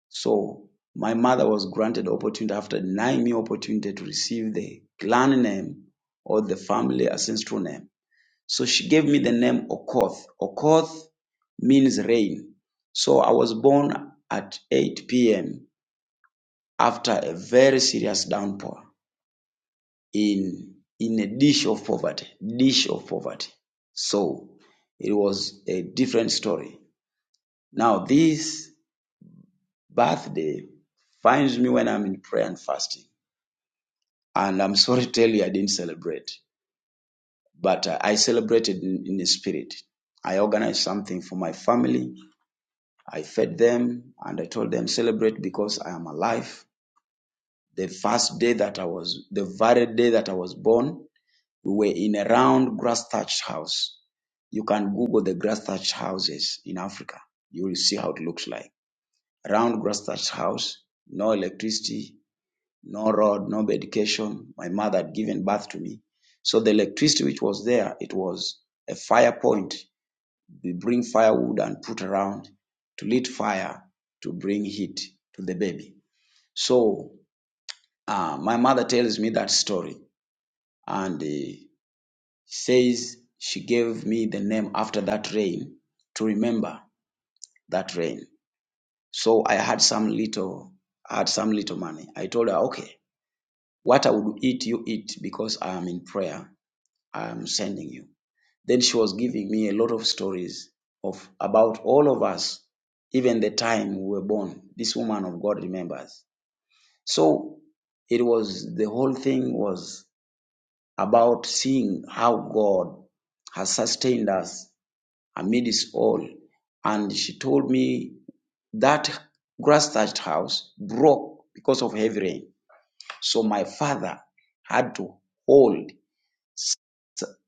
Speaker 5: So my mother was granted opportunity after denying me opportunity to receive the clan name or the family ancestral name. So she gave me the name Okoth. Okoth means rain. So I was born at 8 p.m. after a very serious downpour in in a dish of poverty, dish of poverty. So it was a different story. Now this birthday finds me when I'm in prayer and fasting. And I'm sorry to tell you I didn't celebrate, but uh, I celebrated in, in the spirit. I organized something for my family I fed them and I told them, celebrate because I am alive. The first day that I was, the very day that I was born, we were in a round grass thatched house. You can Google the grass thatched houses in Africa. You will see how it looks like. Round grass thatched house, no electricity, no road, no education. My mother had given birth to me. So the electricity which was there, it was a fire point they bring firewood and put around to lit fire to bring heat to the baby. So uh, my mother tells me that story and uh, says she gave me the name after that rain to remember that rain. So I had some little, I had some little money. I told her, okay, what I would eat, you eat because I am in prayer. I am sending you. Then she was giving me a lot of stories of about all of us, even the time we were born. This woman of God remembers. So it was the whole thing was about seeing how God has sustained us amidst all. And she told me that grass thatched house broke because of heavy rain. So my father had to hold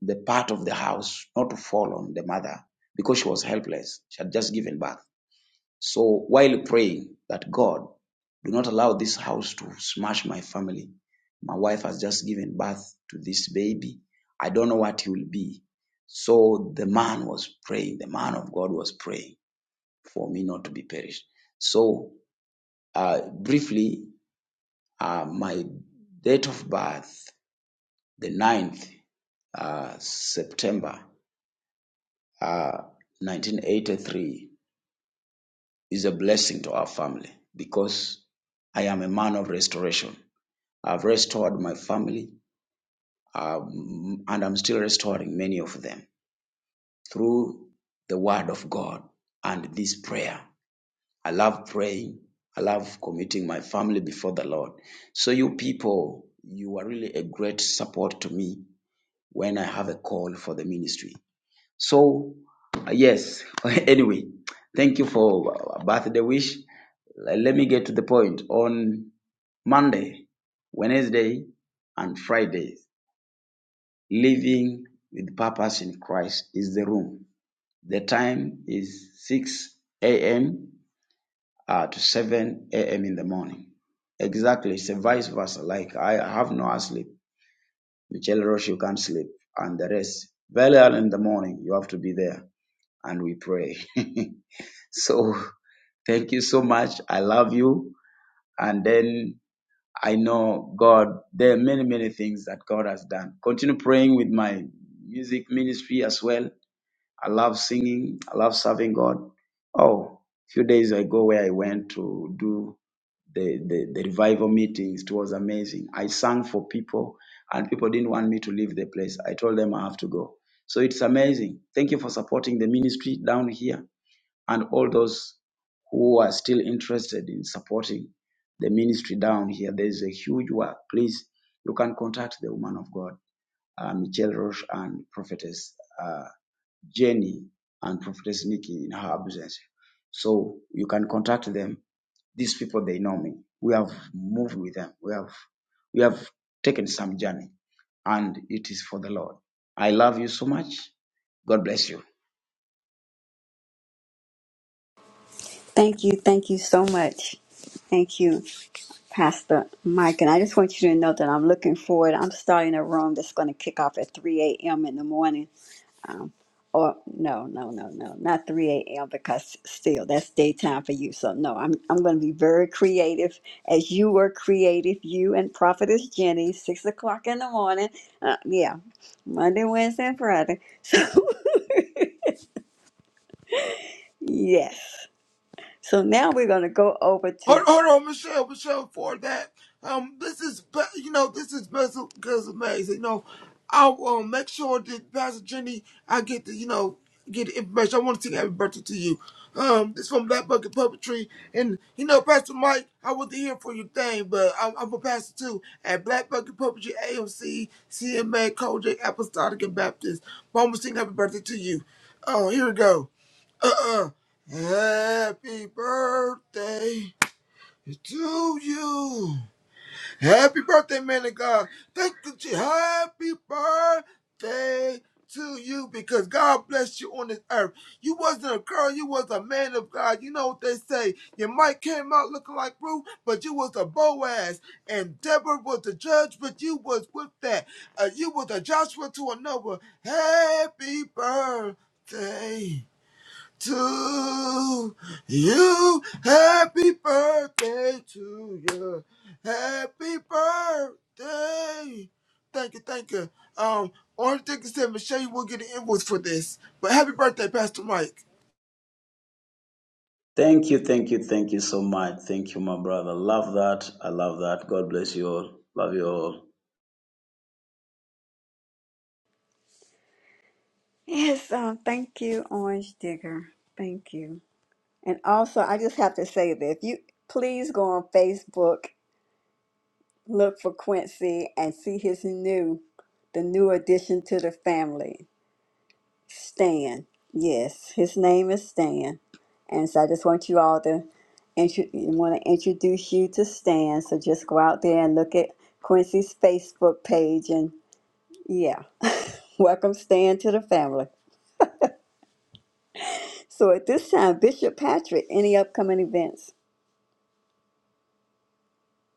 Speaker 5: the part of the house not to fall on the mother because she was helpless. She had just given birth. So while praying that God, do not allow this house to smash my family. My wife has just given birth to this baby. I don't know what he will be. So the man was praying, the man of God was praying for me not to be perished. So uh, briefly, uh, my date of birth, the ninth uh, September uh, 1983 is a blessing to our family because I am a man of restoration. I've restored my family um, and I'm still restoring many of them through the word of God and this prayer. I love praying. I love committing my family before the Lord. So, you people, you are really a great support to me when I have a call for the ministry. So uh, yes, anyway, thank you for uh, birthday wish. Le- Let me get to the point. On Monday, Wednesday, and Friday, living with purpose in Christ is the room. The time is 6 a.m. Uh, to 7 a.m. in the morning. Exactly, it's a vice versa. Like I have no sleep. Michelle Roche, you can't sleep, and the rest. Very early in the morning, you have to be there, and we pray. So thank you so much. I love you. And then I know God, there are many, many things that God has done. Continue praying with my music ministry as well. I love singing. I love serving God. Oh, a few days ago where I went to do the, the, the revival meetings, it was amazing. I sang for people and people didn't want me to leave the place. I told them I have to go. So it's amazing. Thank you for supporting the ministry down here and all those who are still interested in supporting the ministry down here. There's a huge work. Please, you can contact the woman of God, uh, Michelle Roche and Prophetess uh, Jenny and Prophetess Nikki in her absence. So you can contact them. These people, they know me. We have moved with them. We have, we have taken some journey and it is for the Lord. I love you so much. God bless you.
Speaker 1: Thank you. Thank you so much. Thank you. Pastor Mike, and I just want you to know that I'm looking forward. I'm starting a room that's going to kick off at 3 a.m. in the morning. Um, or no, no, no, no, not 3 a.m. because still that's daytime for you. So no, I'm I'm going to be very creative, as you were creative. You and Prophetess Jenny, six o'clock in the morning. Uh, yeah, Monday, Wednesday, and Friday. So yes. So now we're going to go over
Speaker 8: Hold,
Speaker 1: to
Speaker 8: hold on, Michelle, Michelle, for that. Um, this is, ba- you know, this is special because amazing. You know, I'll um, make sure that Pastor Jenny, I get the, you know, get the information. I want to sing happy birthday to you. Um, it's from Black Bucket Puppetry. And, you know, Pastor Mike, I wasn't here for your thing, but I'm, I'm a pastor too at Black Bucket Puppetry, AMC, CMA, Kojak, Apostolic, and Baptist. But I'm going to sing happy birthday to you. Oh, here we go. Uh uh. Happy birthday. To you. Happy birthday, man of God. Thank you. Je- Happy birthday to you because God blessed you on this earth. You wasn't a girl, you was a man of God. You know what they say. Your mic came out looking like Ruth, but you was a Boaz. And Deborah was the judge, but you was with that. Uh, you was a Joshua to another. Happy birthday to you. Happy birthday to you. Happy birthday. Thank you, thank you. Um, only thing is that Michelle, you will get an invoice for this. But happy birthday, Pastor Mike.
Speaker 5: Thank you, thank you, thank you so much. Thank you, my brother. Love that. I love that. God bless you all. Love you all.
Speaker 1: yes. Um, thank you, Orange Digger. Thank you. And also, I just have to say that if you please go on Facebook, look for Quincy and see his new, the new addition to the family, Stan. Yes, his name is Stan. And so I just want you all to intro- want to introduce you to Stan. So just go out there and look at Quincy's Facebook page and yeah. Welcome Stan to the family. So at this time, Bishop Patrick, any upcoming events?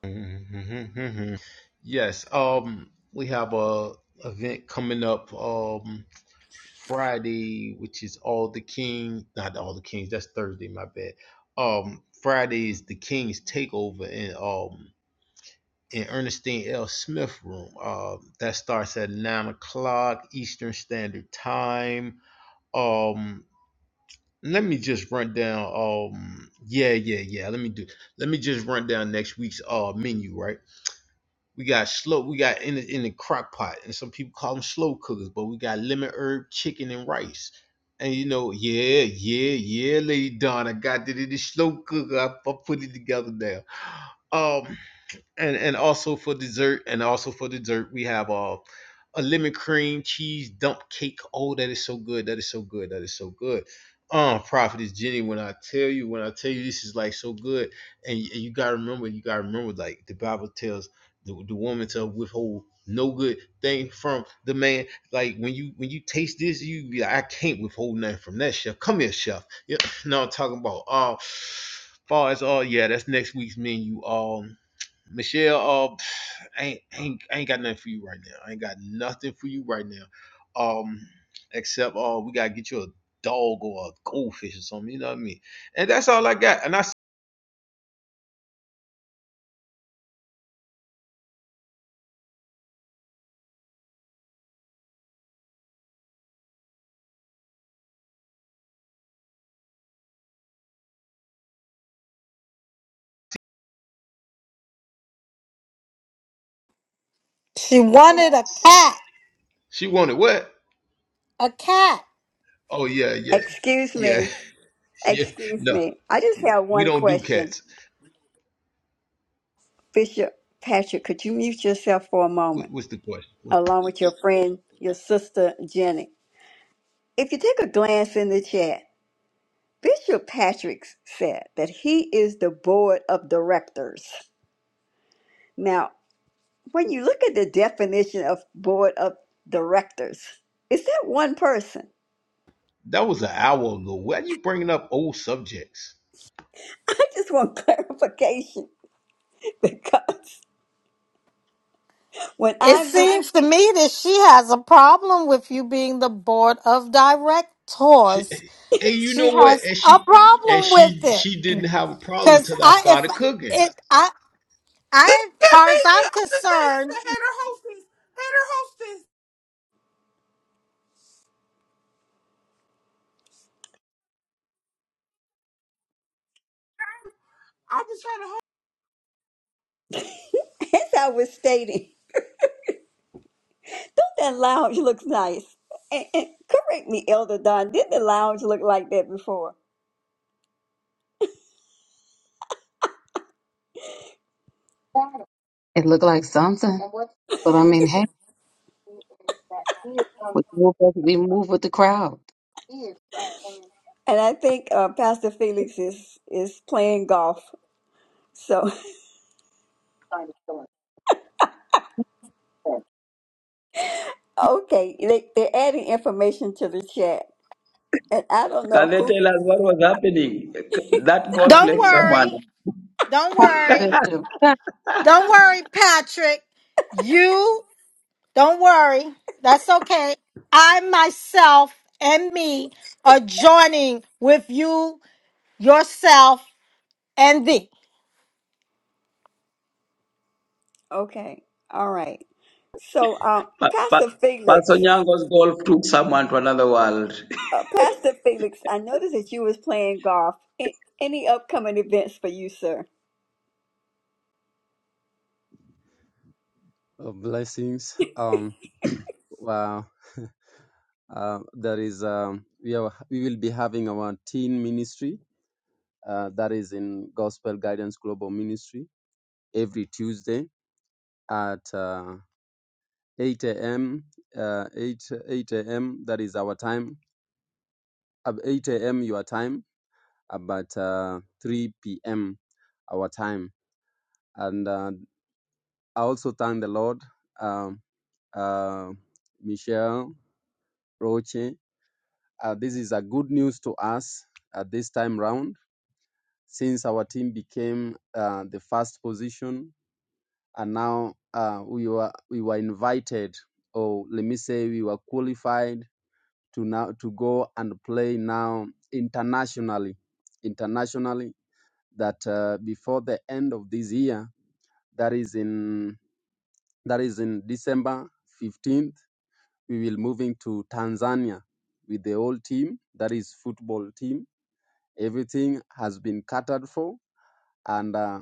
Speaker 3: yes. Um, we have a event coming up. Um, Friday, which is all the king, not all the kings. That's Thursday. My bad. Um, Friday is the King's Takeover in um in Ernestine L. Smith room. Um, that starts at nine o'clock Eastern Standard Time. Um, let me just run down. Um, yeah, yeah, yeah. Let me do. Let me just run down next week's uh menu. Right. We got slow. We got in the, in the crock pot, and some people call them slow cookers, but we got lemon herb chicken and rice. And you know, yeah, yeah, yeah, Lady Dawn, I got it in the slow cooker. I, I put it together now. Um, and and also for dessert and also for dessert we have uh, a lemon cream cheese dump cake oh that is so good that is so good that is so good um prophetess jenny when i tell you when i tell you this is like so good and you, you gotta remember you gotta remember like the bible tells the, the woman to withhold no good thing from the man like when you when you taste this you be like, i can't withhold nothing from that chef come here chef yeah no i'm talking about uh far as all yeah that's next week's menu um Michelle, uh, I ain't, I ain't, I ain't got nothing for you right now. I ain't got nothing for you right now. Um, except uh, we gotta get you a dog or a goldfish or something. You know what I mean? And that's all I got. And I, s-
Speaker 4: She wanted a cat.
Speaker 3: she wanted what?
Speaker 4: A cat.
Speaker 3: Oh yeah, yeah,
Speaker 1: Excuse
Speaker 3: yeah,
Speaker 1: me.
Speaker 3: yeah.
Speaker 1: Excuse
Speaker 3: No,
Speaker 1: me. I just have
Speaker 3: we
Speaker 1: one
Speaker 3: don't do
Speaker 1: question.
Speaker 3: cats.
Speaker 1: Bishop Patrick, could you mute yourself for a
Speaker 3: What,
Speaker 1: moment,
Speaker 3: what's the question? What-
Speaker 1: along with your friend, your sister, Jenny? If you take a glance in the chat, Bishop Patrick said that he is the board of directors. Now, when you look at the definition of board of directors, is that one person?
Speaker 3: that was an hour ago. Why are you bringing up old subjects?
Speaker 1: I just want clarification because when
Speaker 4: It
Speaker 1: I mean,
Speaker 4: seems to me that she has a problem with you being the board of
Speaker 3: She,
Speaker 4: directors.
Speaker 3: hey, you
Speaker 4: She
Speaker 3: know what?
Speaker 4: has
Speaker 3: And
Speaker 4: a
Speaker 3: she, and
Speaker 4: problem with
Speaker 3: she,
Speaker 4: it
Speaker 3: she didn't have a problem
Speaker 4: because
Speaker 3: till I
Speaker 4: I, if
Speaker 3: started cooking.
Speaker 4: it, I,
Speaker 8: This
Speaker 4: I, as
Speaker 8: can't
Speaker 4: far as
Speaker 8: make
Speaker 4: I'm
Speaker 8: it. I'm just saying she
Speaker 4: concerned,
Speaker 8: can head her hostess. Head her hostess. I was trying to host.
Speaker 1: as I was stating, That lounge looks nice. And, and correct me, Elder Don, did the lounge look like that before?
Speaker 7: It looked like something, but I mean, hey, we move with we move with the crowd.
Speaker 1: And I think uh, Pastor Felix is is playing golf. So okay, they they're adding information to the chat, and I don't
Speaker 5: Can
Speaker 1: know
Speaker 5: they
Speaker 1: who.
Speaker 5: tell us what was happening? That golf
Speaker 4: don't
Speaker 5: left someone.
Speaker 4: worry, don't worry,
Speaker 7: Bishop,
Speaker 4: don't worry, Patrick. You don't worry. That's okay. I myself and me are joining with you, yourself, and thee.
Speaker 1: Okay, all right. So um,
Speaker 5: Pa- Pa-
Speaker 1: Pastor
Speaker 5: Pastor
Speaker 1: Felix,
Speaker 5: Nyango's golf took someone to another world.
Speaker 1: uh, Pastor Felix, I noticed that you was playing golf. A- Any upcoming events for you, sir?
Speaker 2: Uh, blessings. Um, wow. Uh, there is um, we are we will be having our teen ministry uh, that is in Gospel Guidance Global Ministry every Tuesday at uh, 8 a.m. Uh, 8 8 a.m. That is our time. At 8 a.m. your time, about uh, 3 p.m. our time. And uh, I also thank the Lord, um uh, Michelle Roche. Uh, this is a good news to us at this time round, since our team became uh, the first position and now uh, we were we were invited or let me say we were qualified to now to go and play now internationally internationally that uh, before the end of this year that is in that is in December 15th we will moving to Tanzania with the whole team that is football team everything has been catered for and. uh,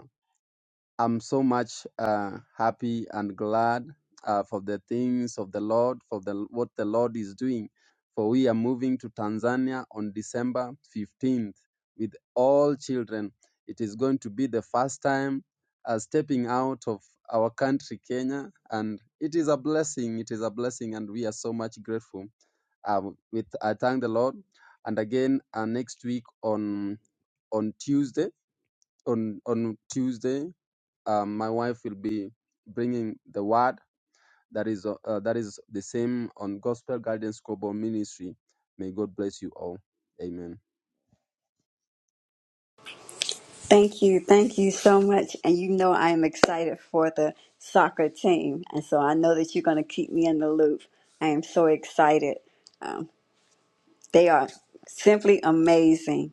Speaker 2: I'm so much uh, happy and glad uh, for the things of the Lord, for the, what the Lord is doing. For we are moving to Tanzania on December 15th with all children. It is going to be the first time uh, stepping out of our country, Kenya, and it is a blessing. It is a blessing, and we are so much grateful. Uh, with I thank the Lord, and again uh, next week on on Tuesday on on Tuesday um, my wife will be bringing the word that is uh, uh, that is the same on Gospel Guidance Global Ministry. May God bless you all. Amen.
Speaker 1: Thank you. Thank you so much. And you know I am excited for the soccer team. And so I know that you're going to keep me in the loop. I am so excited. Um, they are simply amazing.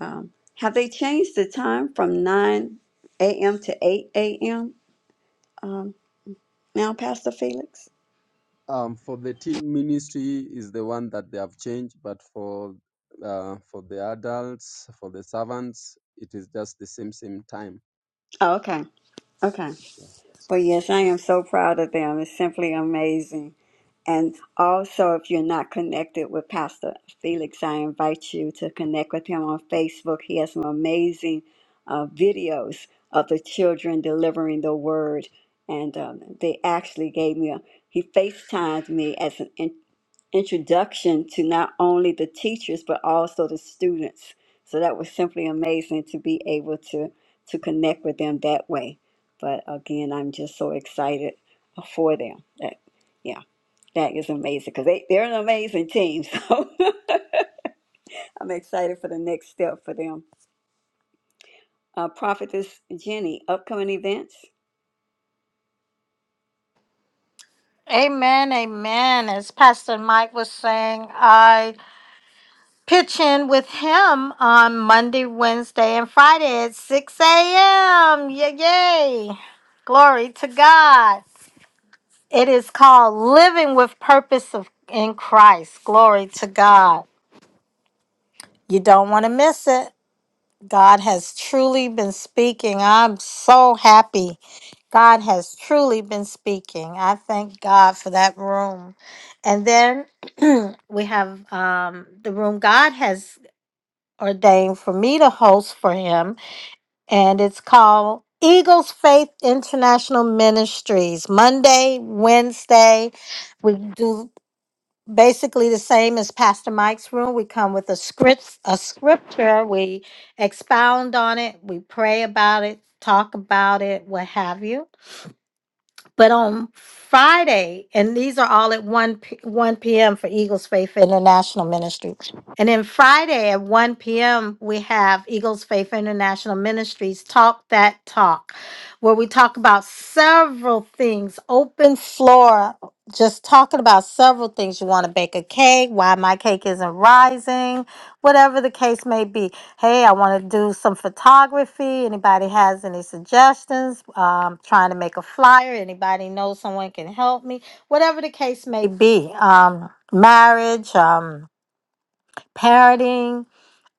Speaker 1: Um, have they changed the time from 9 a.m. to 8 a.m. Um, now, Pastor Felix?
Speaker 2: Um, for the teen ministry is the one that they have changed, but for uh, for the adults, for the servants, it is just the same same time.
Speaker 1: Oh, okay. Okay.
Speaker 2: Yes.
Speaker 1: But yes, I am so proud of them. It's simply amazing. And also, if you're not connected with Pastor Felix, I invite you to connect with him on Facebook. He has some amazing uh, videos of the children delivering the word. And um, they actually gave me a, he FaceTimed me as an introduction to not only the teachers but also the students. So that was simply amazing to be able to to connect with them that way. But again, I'm just so excited for them. That yeah, that is amazing because they they're an amazing team. So I'm excited for the next step for them. Uh, Prophetess Jenny, upcoming events.
Speaker 4: Amen, amen. As Pastor Mike was saying, I pitch in with him on Monday, Wednesday, and Friday at 6 a.m. Yay, yay. Glory to God. It is called Living with Purpose of, in Christ. Glory to God. You don't want to miss it. God has truly been speaking. I'm so happy God has truly been speaking. I thank God for that room. And then we have um, the room God has ordained for me to host for him, and it's called Eagles Faith International Ministries. Monday, Wednesday, we do basically the same as Pastor Mike's room. We come with a script, a scripture, we expound on it, we pray about it, talk about it, what have you. But on Friday, and these are all at 1 p- 1 p.m. for Eagles Faith International Ministry. And then Friday at 1 p.m., we have Eagles Faith International Ministries Talk That Talk, where we talk about several things, open floor, just talking about several things. You want to bake a cake, why my cake isn't rising, whatever the case may be. Hey, I want to do some photography. Anybody has any suggestions? Um, trying to make a flyer. Anybody know someone can help me? Whatever the case may be. Um, marriage, um, parenting,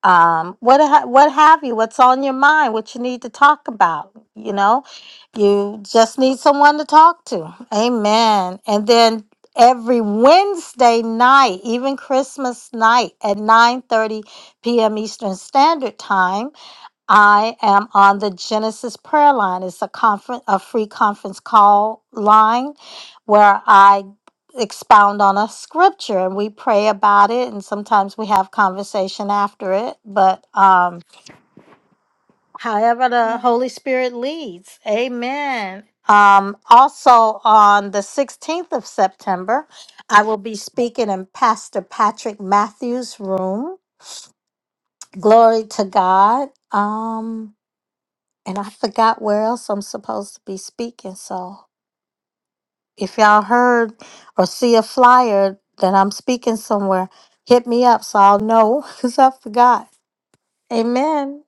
Speaker 4: um, what ha- what have you? What's on your mind? What you need to talk about? You know, you just need someone to talk to. Amen. And then every Wednesday night, even Christmas night at nine thirty p.m. Eastern Standard Time I am on the Genesis prayer line. It's a conference, a free conference call line where I expound on a scripture and we pray about it and sometimes we have conversation after it, but um however the Holy Spirit leads. Amen. Um also on the 16th of September, I will be speaking in Pastor Patrick Matthews' room. Glory to God. Um and I forgot where else I'm supposed to be speaking. So if y'all heard or see a flyer that I'm speaking somewhere, hit me up so I'll know because I forgot. Amen.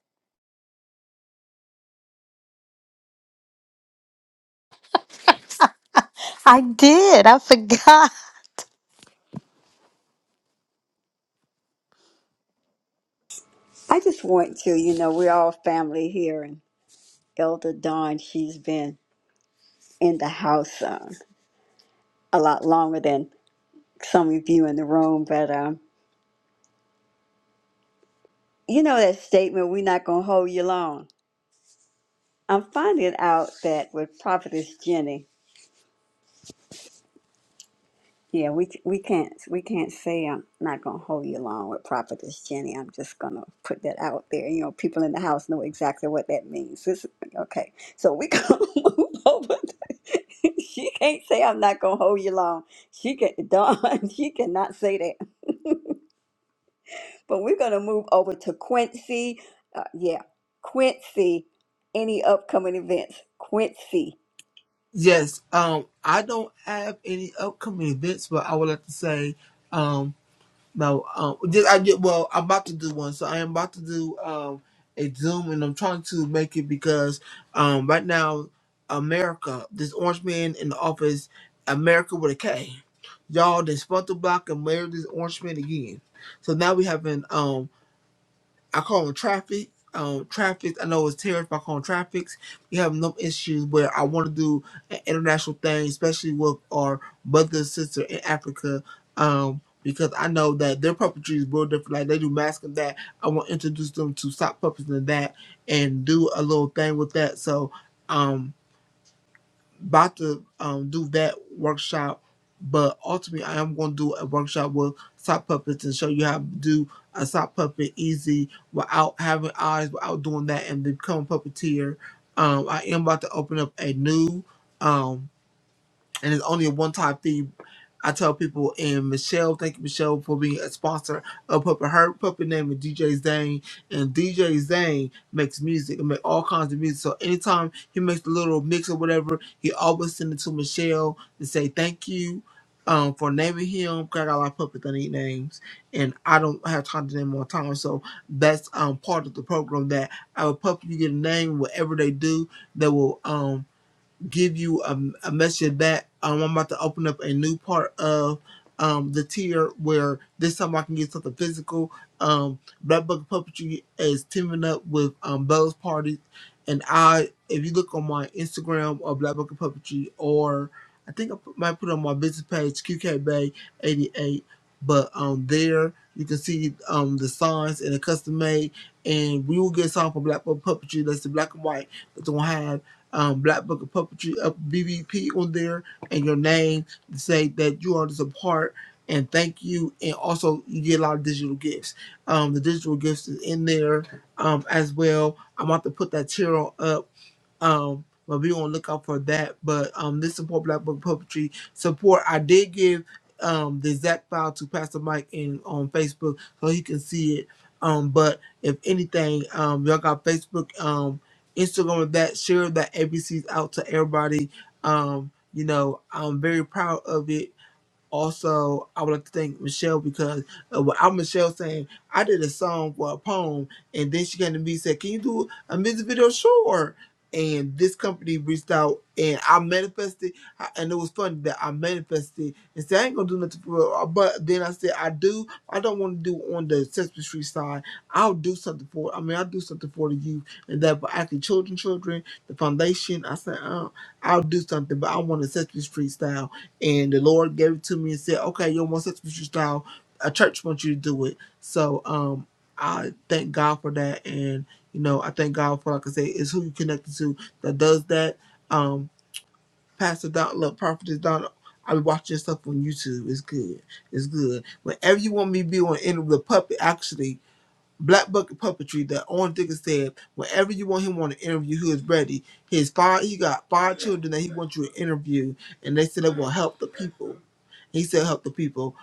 Speaker 4: I did. I forgot.
Speaker 1: I just want to, you know, we're all family here, and Elder Dawn, she's been in the house uh, a lot longer than some of you in the room, but um, you know that statement, we're not going to hold you long. I'm finding out that with Prophetess Jenny, yeah, we we can't we can't say I'm not gonna hold you long with Prophetess Jenny. I'm just gonna put that out there. You know, people in the house know exactly what that means. This, okay, so we gonna move over. she can't say I'm not gonna hold you long. She can Dawn. She cannot say that. But we're going to move over to Quincy. Uh, yeah, Quincy. Any upcoming events? Quincy.
Speaker 8: Yes. Um, I don't have any upcoming events, but I would like to say. um, No, um, just, I get well. I'm about to do one, so I am about to do um a Zoom, and I'm trying to make it because um right now America, this orange man in the office, America with a K, y'all they spelt the block and married this orange man again. So now we having um I call them traffic. Um, traffic. I know it's terrorist, but I call them traffics. We have no issues where I want to do an international thing, especially with our brother and sister in Africa. Um, because I know that their puppetry is real different. Like they do masks and that. I want to introduce them to sock puppets and that, and do a little thing with that. So, um, about to um, do that workshop, but ultimately I am going to do a workshop with sock puppets and show you how to do a sock puppet easy without having eyes, without doing that, and become a puppeteer. Um, I am about to open up a new. um, and it's only a one-time fee. I tell people, and Michelle, thank you, Michelle, for being a sponsor of Puppet. Her puppet name is DJ Zane, and DJ Zane makes music and make all kinds of music. So anytime he makes a little mix or whatever, he always send it to Michelle to say thank you um, for naming him. 'cause I got a lot of puppets that need names, and I don't have time to name them all the time. So that's um, part of the program that our puppet, you get a name, whatever they do, they will. Um, give you a, a message back. Um, I'm about to open up a new part of um, the tier where this time I can get something physical. Um, Black Bucket Puppetry is teaming up with um, Bell's Party, and I, if you look on my Instagram or Black Bucket Puppetry, or I think I might put it on my business page QK Bay 88, but um, there you can see um, the signs and the custom made, and we will get a sign for Black Bucket Puppetry. That's the black and white that's gonna have um, Black Book of Puppetry up BBP on there and your name to say that you are just a part and thank you. And also, you get a lot of digital gifts. Um, the digital gifts is in there um, as well. I'm about to put that tier on up. Um, but be on out for that. But um, this support Black Book Puppetry support. I did give um the exact file to Pastor Mike in on Facebook so he can see it. Um, but if anything, um, y'all got Facebook, um, Instagram, and that share that ABCs out to everybody. Um, you know, I'm very proud of it also, I would like to thank Michelle because uh, well, I'm Michelle saying I did a song for a poem, and then she came to me and said, "Can you do a music video?" Sure. And this company reached out, and I manifested, I- and it was funny that I manifested and said I ain't gonna do nothing for real. But then I said I do. I don't want to do on the Sesame Street side. I'll do something for. I mean, I'll do something for the youth and that for actually children, children, the foundation. I said uh, I'll do something, but I want a Sesame Street style and the Lord gave it to me and said, "Okay, your homosexual lifestyle, a church wants you to do it." So um, I thank God for that, and you know, I thank God for like I say, it's who you connected to that does that. Um, Pastor Don, look, Prophet is Don. I be watching stuff on YouTube. It's good. It's good. Whenever you want me to be on any of the puppet, actually, Black Bucket Puppetry that Orange Dickens said, whenever you want him on an interview, he is ready. He has five he got five children that he wants you to interview and they said they will help the people. He said help the people.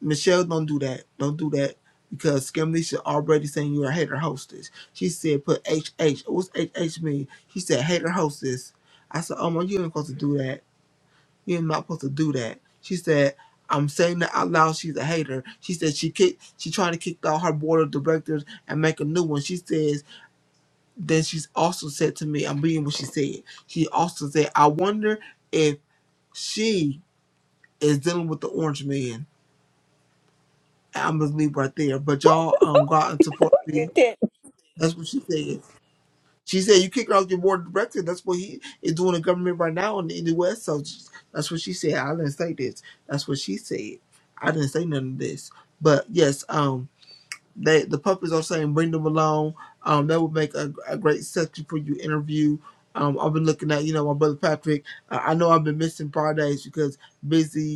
Speaker 8: Michelle, don't do that. Don't do that. Because Scamlisha already saying you're a hater hostess. She said put H H. What's H H mean? She said hater hostess. I said, Oh my, you ain't supposed to do that. You're not supposed to do that. She said, I'm saying that out loud. She's a hater. She said she kicked, she tried to kick out her board of directors and make a new one. She says, then she's also said to me, I'm reading what she said. She also said, I wonder if she is dealing with the orange man. And I'm gonna leave right there. But y'all um go out and support me.
Speaker 1: You did.
Speaker 8: That's what she said. She said you kick her off your board of directors. That's what he is doing in government right now in the, in the West. So that's what she said. I didn't say this. That's what she said. I didn't say none of this. But yes, um, they the puppets are saying bring them along. Um, that would make a, a great section for you interview. Um, I've been looking at you know my brother Patrick. I, I know I've been missing Fridays because busy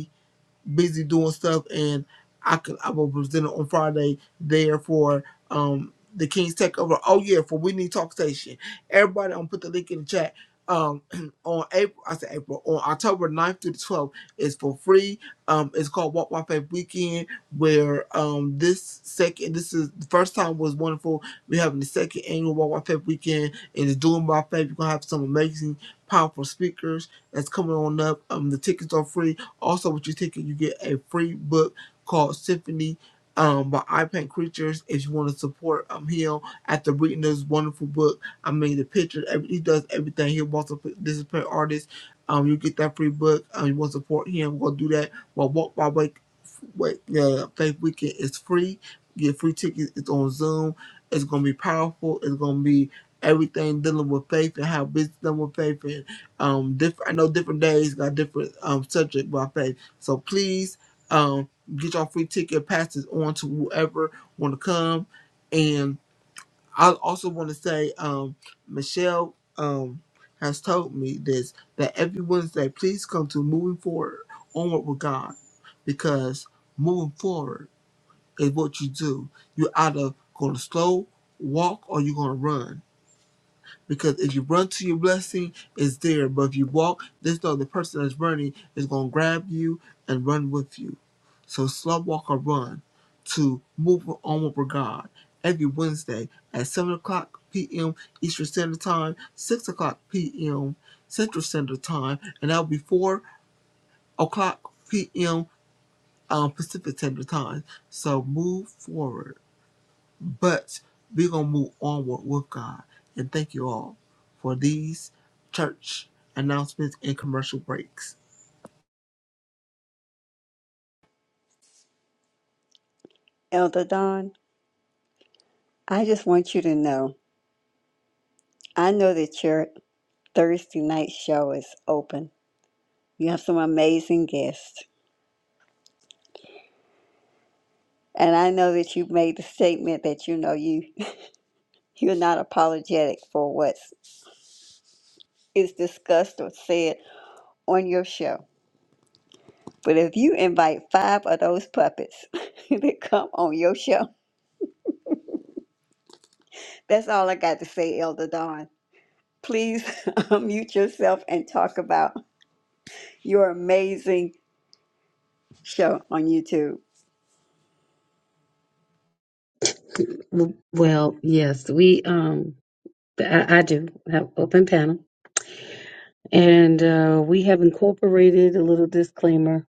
Speaker 8: busy doing stuff, and I could I was presented on Friday there for um the King's Takeover. Oh yeah, for We Need Talk Station. Everybody, I'm gonna put the link in the chat. Um, on April, I said April, on October ninth through the 12th, it's for free. Um, it's called Walk My Faith Weekend, where um this second, this is the first time was wonderful. We're having the second annual Walk My Faith Weekend, and it's doing by faith. You're gonna have some amazing, powerful speakers that's coming on up. Um, the tickets are free also, with your ticket, you get a free book called Symphony um, by I Paint Creatures. If you want to support um, him after reading this wonderful book, I mean, the pictures. every, he does everything. He wants to this is paint artist. Um, you get that free book. Um, you want to support him, go do that. Well, Walk by Wake, Wake uh, Faith Weekend is free. Get free tickets. It's on Zoom. It's going to be powerful. It's going to be everything dealing with faith and how business dealing with faith and. Um, different. I know different days got different um subject by faith. So please, um, get your free ticket passes on to whoever want to come. And I also want to say, um, Michelle, um, has told me this that every Wednesday, please come to moving forward onward with God, because moving forward is what you do. You're either gonna slow walk or you're gonna run because if you run to your blessing, it's there. But if you walk, this know the person that's running is gonna grab you and run with you. So slow walk or run to move on with God every Wednesday at seven o'clock p.m. Eastern Standard Time, six o'clock p.m. Central Standard Time, and that'll be four o'clock p.m. Um, Pacific Standard Time. So move forward. But we're going to move onward with God. And thank you all for these church announcements and commercial breaks.
Speaker 1: Elder Don, I just want you to know I know that your Thursday night show is open. You have some amazing guests. And I know that you made the statement that you know you you're not apologetic for what is discussed or said on your show. But if you invite five of those puppets to come on your show, That's all I got to say, Elder Dawn. Please unmute yourself and talk about your amazing show on YouTube.
Speaker 7: Well, yes, we. Um, I, I do have open panel, and uh, we have incorporated a little disclaimer.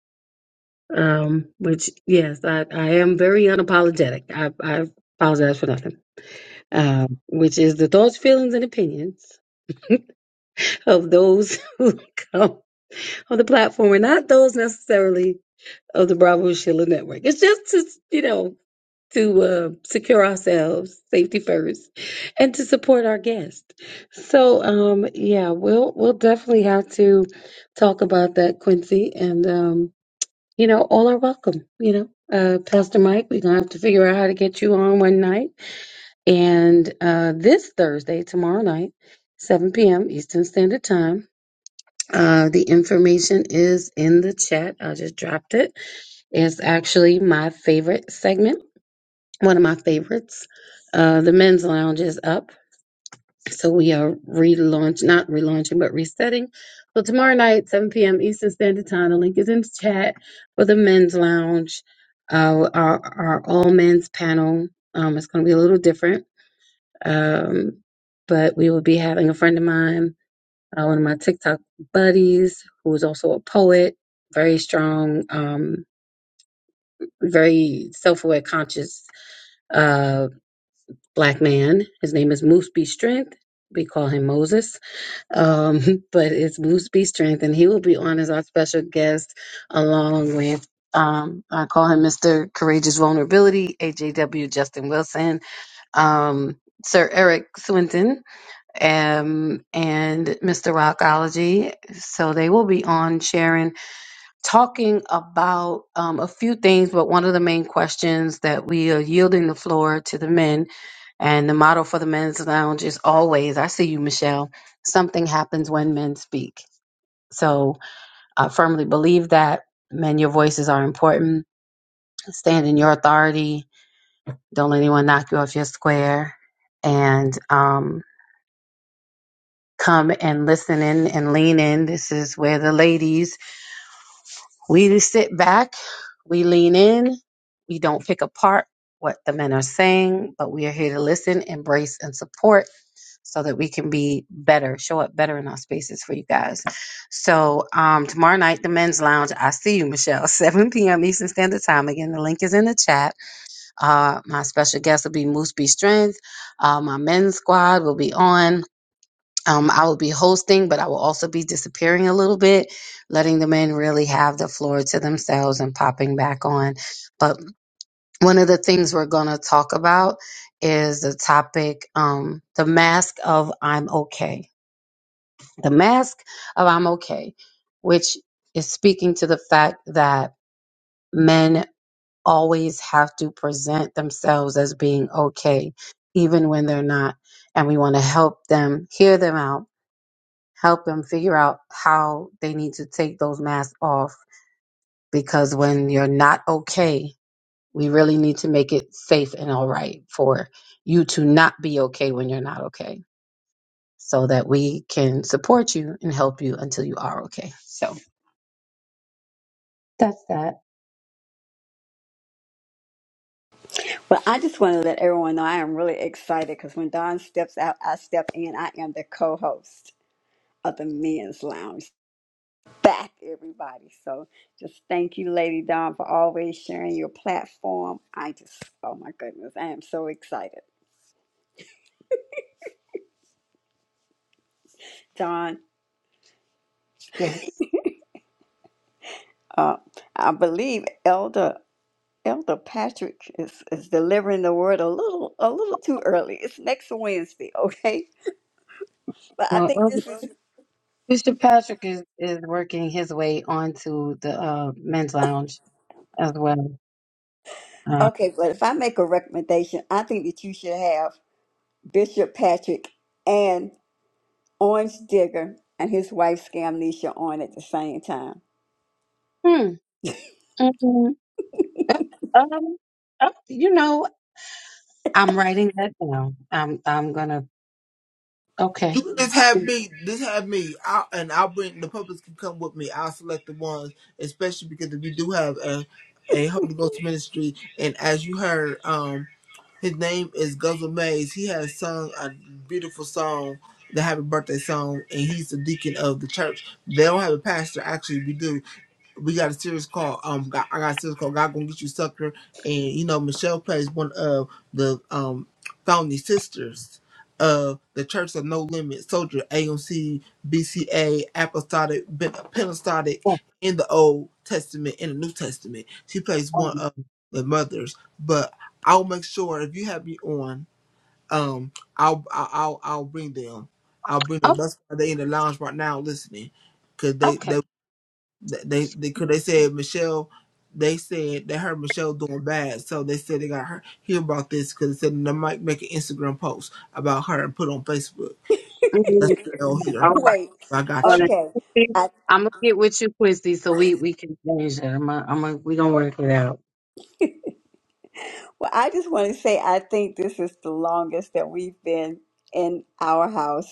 Speaker 7: Um, which yes, I, I am very unapologetic. I, I apologize for nothing. um, which is the thoughts, feelings, and opinions of those who come on the platform and not those necessarily of the Bravo Sheila Network. It's just to, you know, to uh, secure ourselves, safety first, and to support our guests. So, um, yeah, we'll we'll definitely have to talk about that, Quincy, and um, you know, all are welcome. You know, uh, Pastor Mike, we're gonna have to figure out how to get you on one night And uh, this Thursday, tomorrow night, 7 p.m. Eastern Standard Time, uh, the information is in the chat. I just dropped it. It's actually my favorite segment, one of my favorites. Uh, the men's lounge is up. So we are relaunch, not relaunching, but resetting. So tomorrow night, 7 p.m. Eastern Standard Time, the link is in the chat for the men's lounge. Uh, our, our all men's panel. Um, it's going to be a little different um, but we would be having a friend of mine, uh, one of my TikTok buddies, who is also a poet, very strong, um, very self aware, conscious uh, black man. His name is Moose B. Strength. We call him Moses, um, but it's Moose B. Strength, and he will be on as our special guest along with. Um, I call him Mr. Courageous Vulnerability, AJW Justin Wilson, um, Sir Eric Swinton, um, and Mr. Rockology. So they will be on sharing, talking about um, a few things, but one of the main questions that we are yielding the floor to the men. And the motto for the men's lounge is always, I see you, Michelle, something happens when men speak. So I firmly believe that. Men, your voices are important. Stand in your authority. Don't let anyone knock you off your square. And um, come and listen in and lean in. This is where the ladies, we sit back, we lean in, we don't pick apart what the men are saying, but we are here to listen, embrace, and support so that we can be better, show up better in our spaces for you guys. So um, tomorrow night, the men's lounge. I see you, Michelle. 7 p.m. Eastern Standard Time. Again, the link is in the chat. Uh, my special guest will be Moose B Strength. Uh, my men's squad will be on. Um, I will be hosting, but I will also be disappearing a little bit, letting the men really have the floor to themselves and popping back on. But one of the things we're going to talk about is the topic, um, the mask of I'm okay. The mask of I'm okay, which is speaking to the fact that men always have to present themselves as being okay, even when they're not. And we want to help them hear them out help them figure out how they need to take those masks off because when you're not okay, we really need to make it safe and all right for you to not be okay when you're not okay so that we can support you and help you until you are okay. So that's that.
Speaker 1: Well, I just want to let everyone know I am really excited because when Dawn steps out, I step in. I am the co host of the Men's Lounge. Back, everybody. So just thank you, Lady Dawn, for always sharing your platform. I just, oh my goodness, I am so excited. Dawn,
Speaker 7: Yes.
Speaker 1: uh, I believe Elder. Elder Patrick is, is delivering the word a little a little too early. It's next Wednesday, okay? But I
Speaker 7: Well,
Speaker 1: think
Speaker 7: um,
Speaker 1: this is
Speaker 7: Bishop Patrick is, is working his way onto the uh, men's lounge as well. Uh,
Speaker 1: okay, but if I make a recommendation, I think that you should have Bishop Patrick and Orange Digger and his wife Scamnesha on at the same time.
Speaker 7: hmm. Mhm. Um, uh, you know, I'm writing that down. I'm I'm gonna okay.
Speaker 8: You can just have me, just have me, I'll, and I'll bring the public can come with me. I'll select the ones, especially because we do have a, a Holy Ghost ministry. And as you heard, um, his name is Guzzle Mays. He has sung a beautiful song, the Happy Birthday song, and he's the deacon of the church. They don't have a pastor, actually, we do we got a serious call. Um, got, I got a serious call. God gonna get you, sucker. And you know, Michelle plays one of the um founding sisters of the Church of No Limit Soldier AMC BCA Apostolic Ben- Pentecostal
Speaker 7: Oh,
Speaker 8: in the Old Testament in the New Testament. She plays one
Speaker 7: um,
Speaker 8: of the mothers. But I'll make sure if you have me on, um, I'll I'll I'll, I'll bring them. I'll bring them.
Speaker 7: oh,
Speaker 8: That's why they in the lounge right now listening, cause they
Speaker 7: okay.
Speaker 8: they Th- They they cause they said Michelle. They said they heard Michelle doing bad, so they said they got her hear about this because they said they might make an Instagram post about her and put on Facebook. That's
Speaker 7: Mhm.
Speaker 8: what they'll hear.
Speaker 7: All right.
Speaker 1: Wait.
Speaker 8: I got
Speaker 7: Well,
Speaker 8: you.
Speaker 1: Okay.
Speaker 7: I'm gonna get with you, Quincy, so we we can change that. I'm gonna, I'm gonna we gonna work it out.
Speaker 1: Well, I just want to say I think this is the longest that we've been in our house.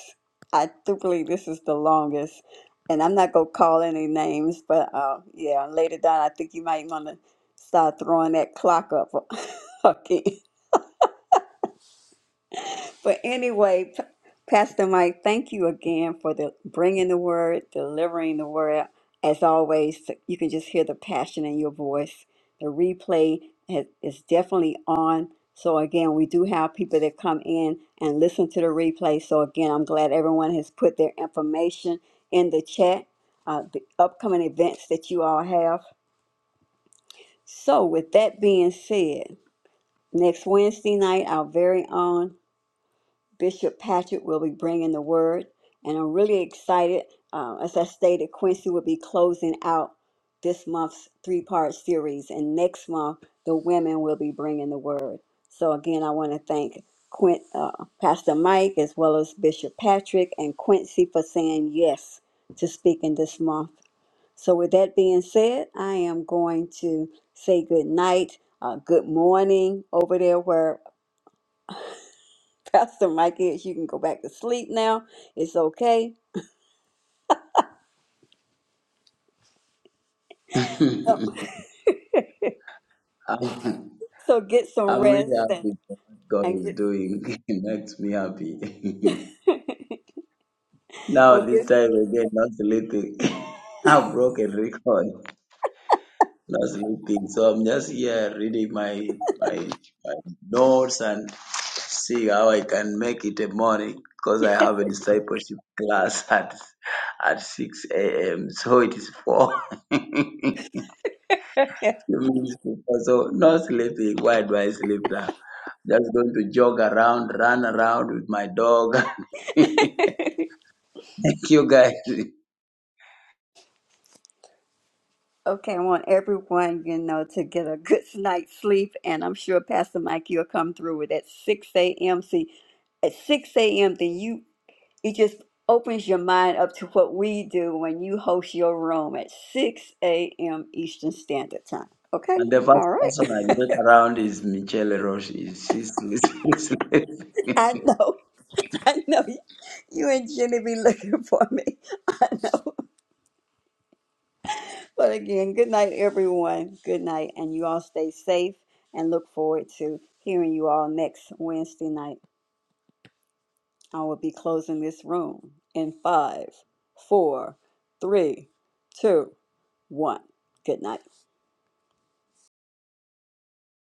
Speaker 1: I do believe this is the longest. And I'm not going to call any names, but uh, yeah, later down, I think you might want to start throwing that clock up again. But anyway, P- Pastor Mike, thank you again for the bringing the word, delivering the word. As always, you can just hear the passion in your voice. The replay has, is definitely on. So again, we do have people that come in and listen to the replay. So again, I'm glad everyone has put their information in the chat, uh, the upcoming events that you all have. So with that being said, next Wednesday night, our very own. Bishop Patrick will be bringing the word, and I'm really excited. Uh, as I stated, Quincy will be closing out this month's three part series, and next month the women will be bringing the word. So, again, I want to thank Quint, uh, Pastor Mike as well as Bishop Patrick and Quincy for saying yes to speaking this month. So, with that being said, I am going to say good night, uh, good morning over there where Pastor Mike is you can go back to sleep now. It's okay.
Speaker 5: I'm
Speaker 1: So get some
Speaker 5: I'm really
Speaker 1: rest and,
Speaker 5: happy for what God
Speaker 1: and
Speaker 5: is
Speaker 1: get
Speaker 5: doing. It makes me happy. now,
Speaker 1: well
Speaker 5: this
Speaker 1: just
Speaker 5: time again, not sleeping. I broke a record. sleeping. So I'm just here reading my my, my notes and see how I can make it a morning because I have a discipleship class at at 6 a.m. So it is four. Few minutes before. so no sleeping. Why do I sleep now? Just going to jog around, run around with my dog. Thank you guys.
Speaker 1: okay, I want everyone, you know, to get a good night's sleep and I'm sure Pastor Mike you'll come through with at six AM. See at six AM then you it just opens your mind up to what we do when you host your room at six AM Eastern Standard Time. Okay?
Speaker 5: And the first
Speaker 1: All right.
Speaker 5: person I look around is Michelle Roche. She's she's- she's sleeping.
Speaker 1: I know. I know you you and Jimmy be looking for me. I know. But again, good night, everyone. Good night. And you all stay safe and look forward to hearing you all next Wednesday night. I will be closing this room in five, four, three, two, one. Good night.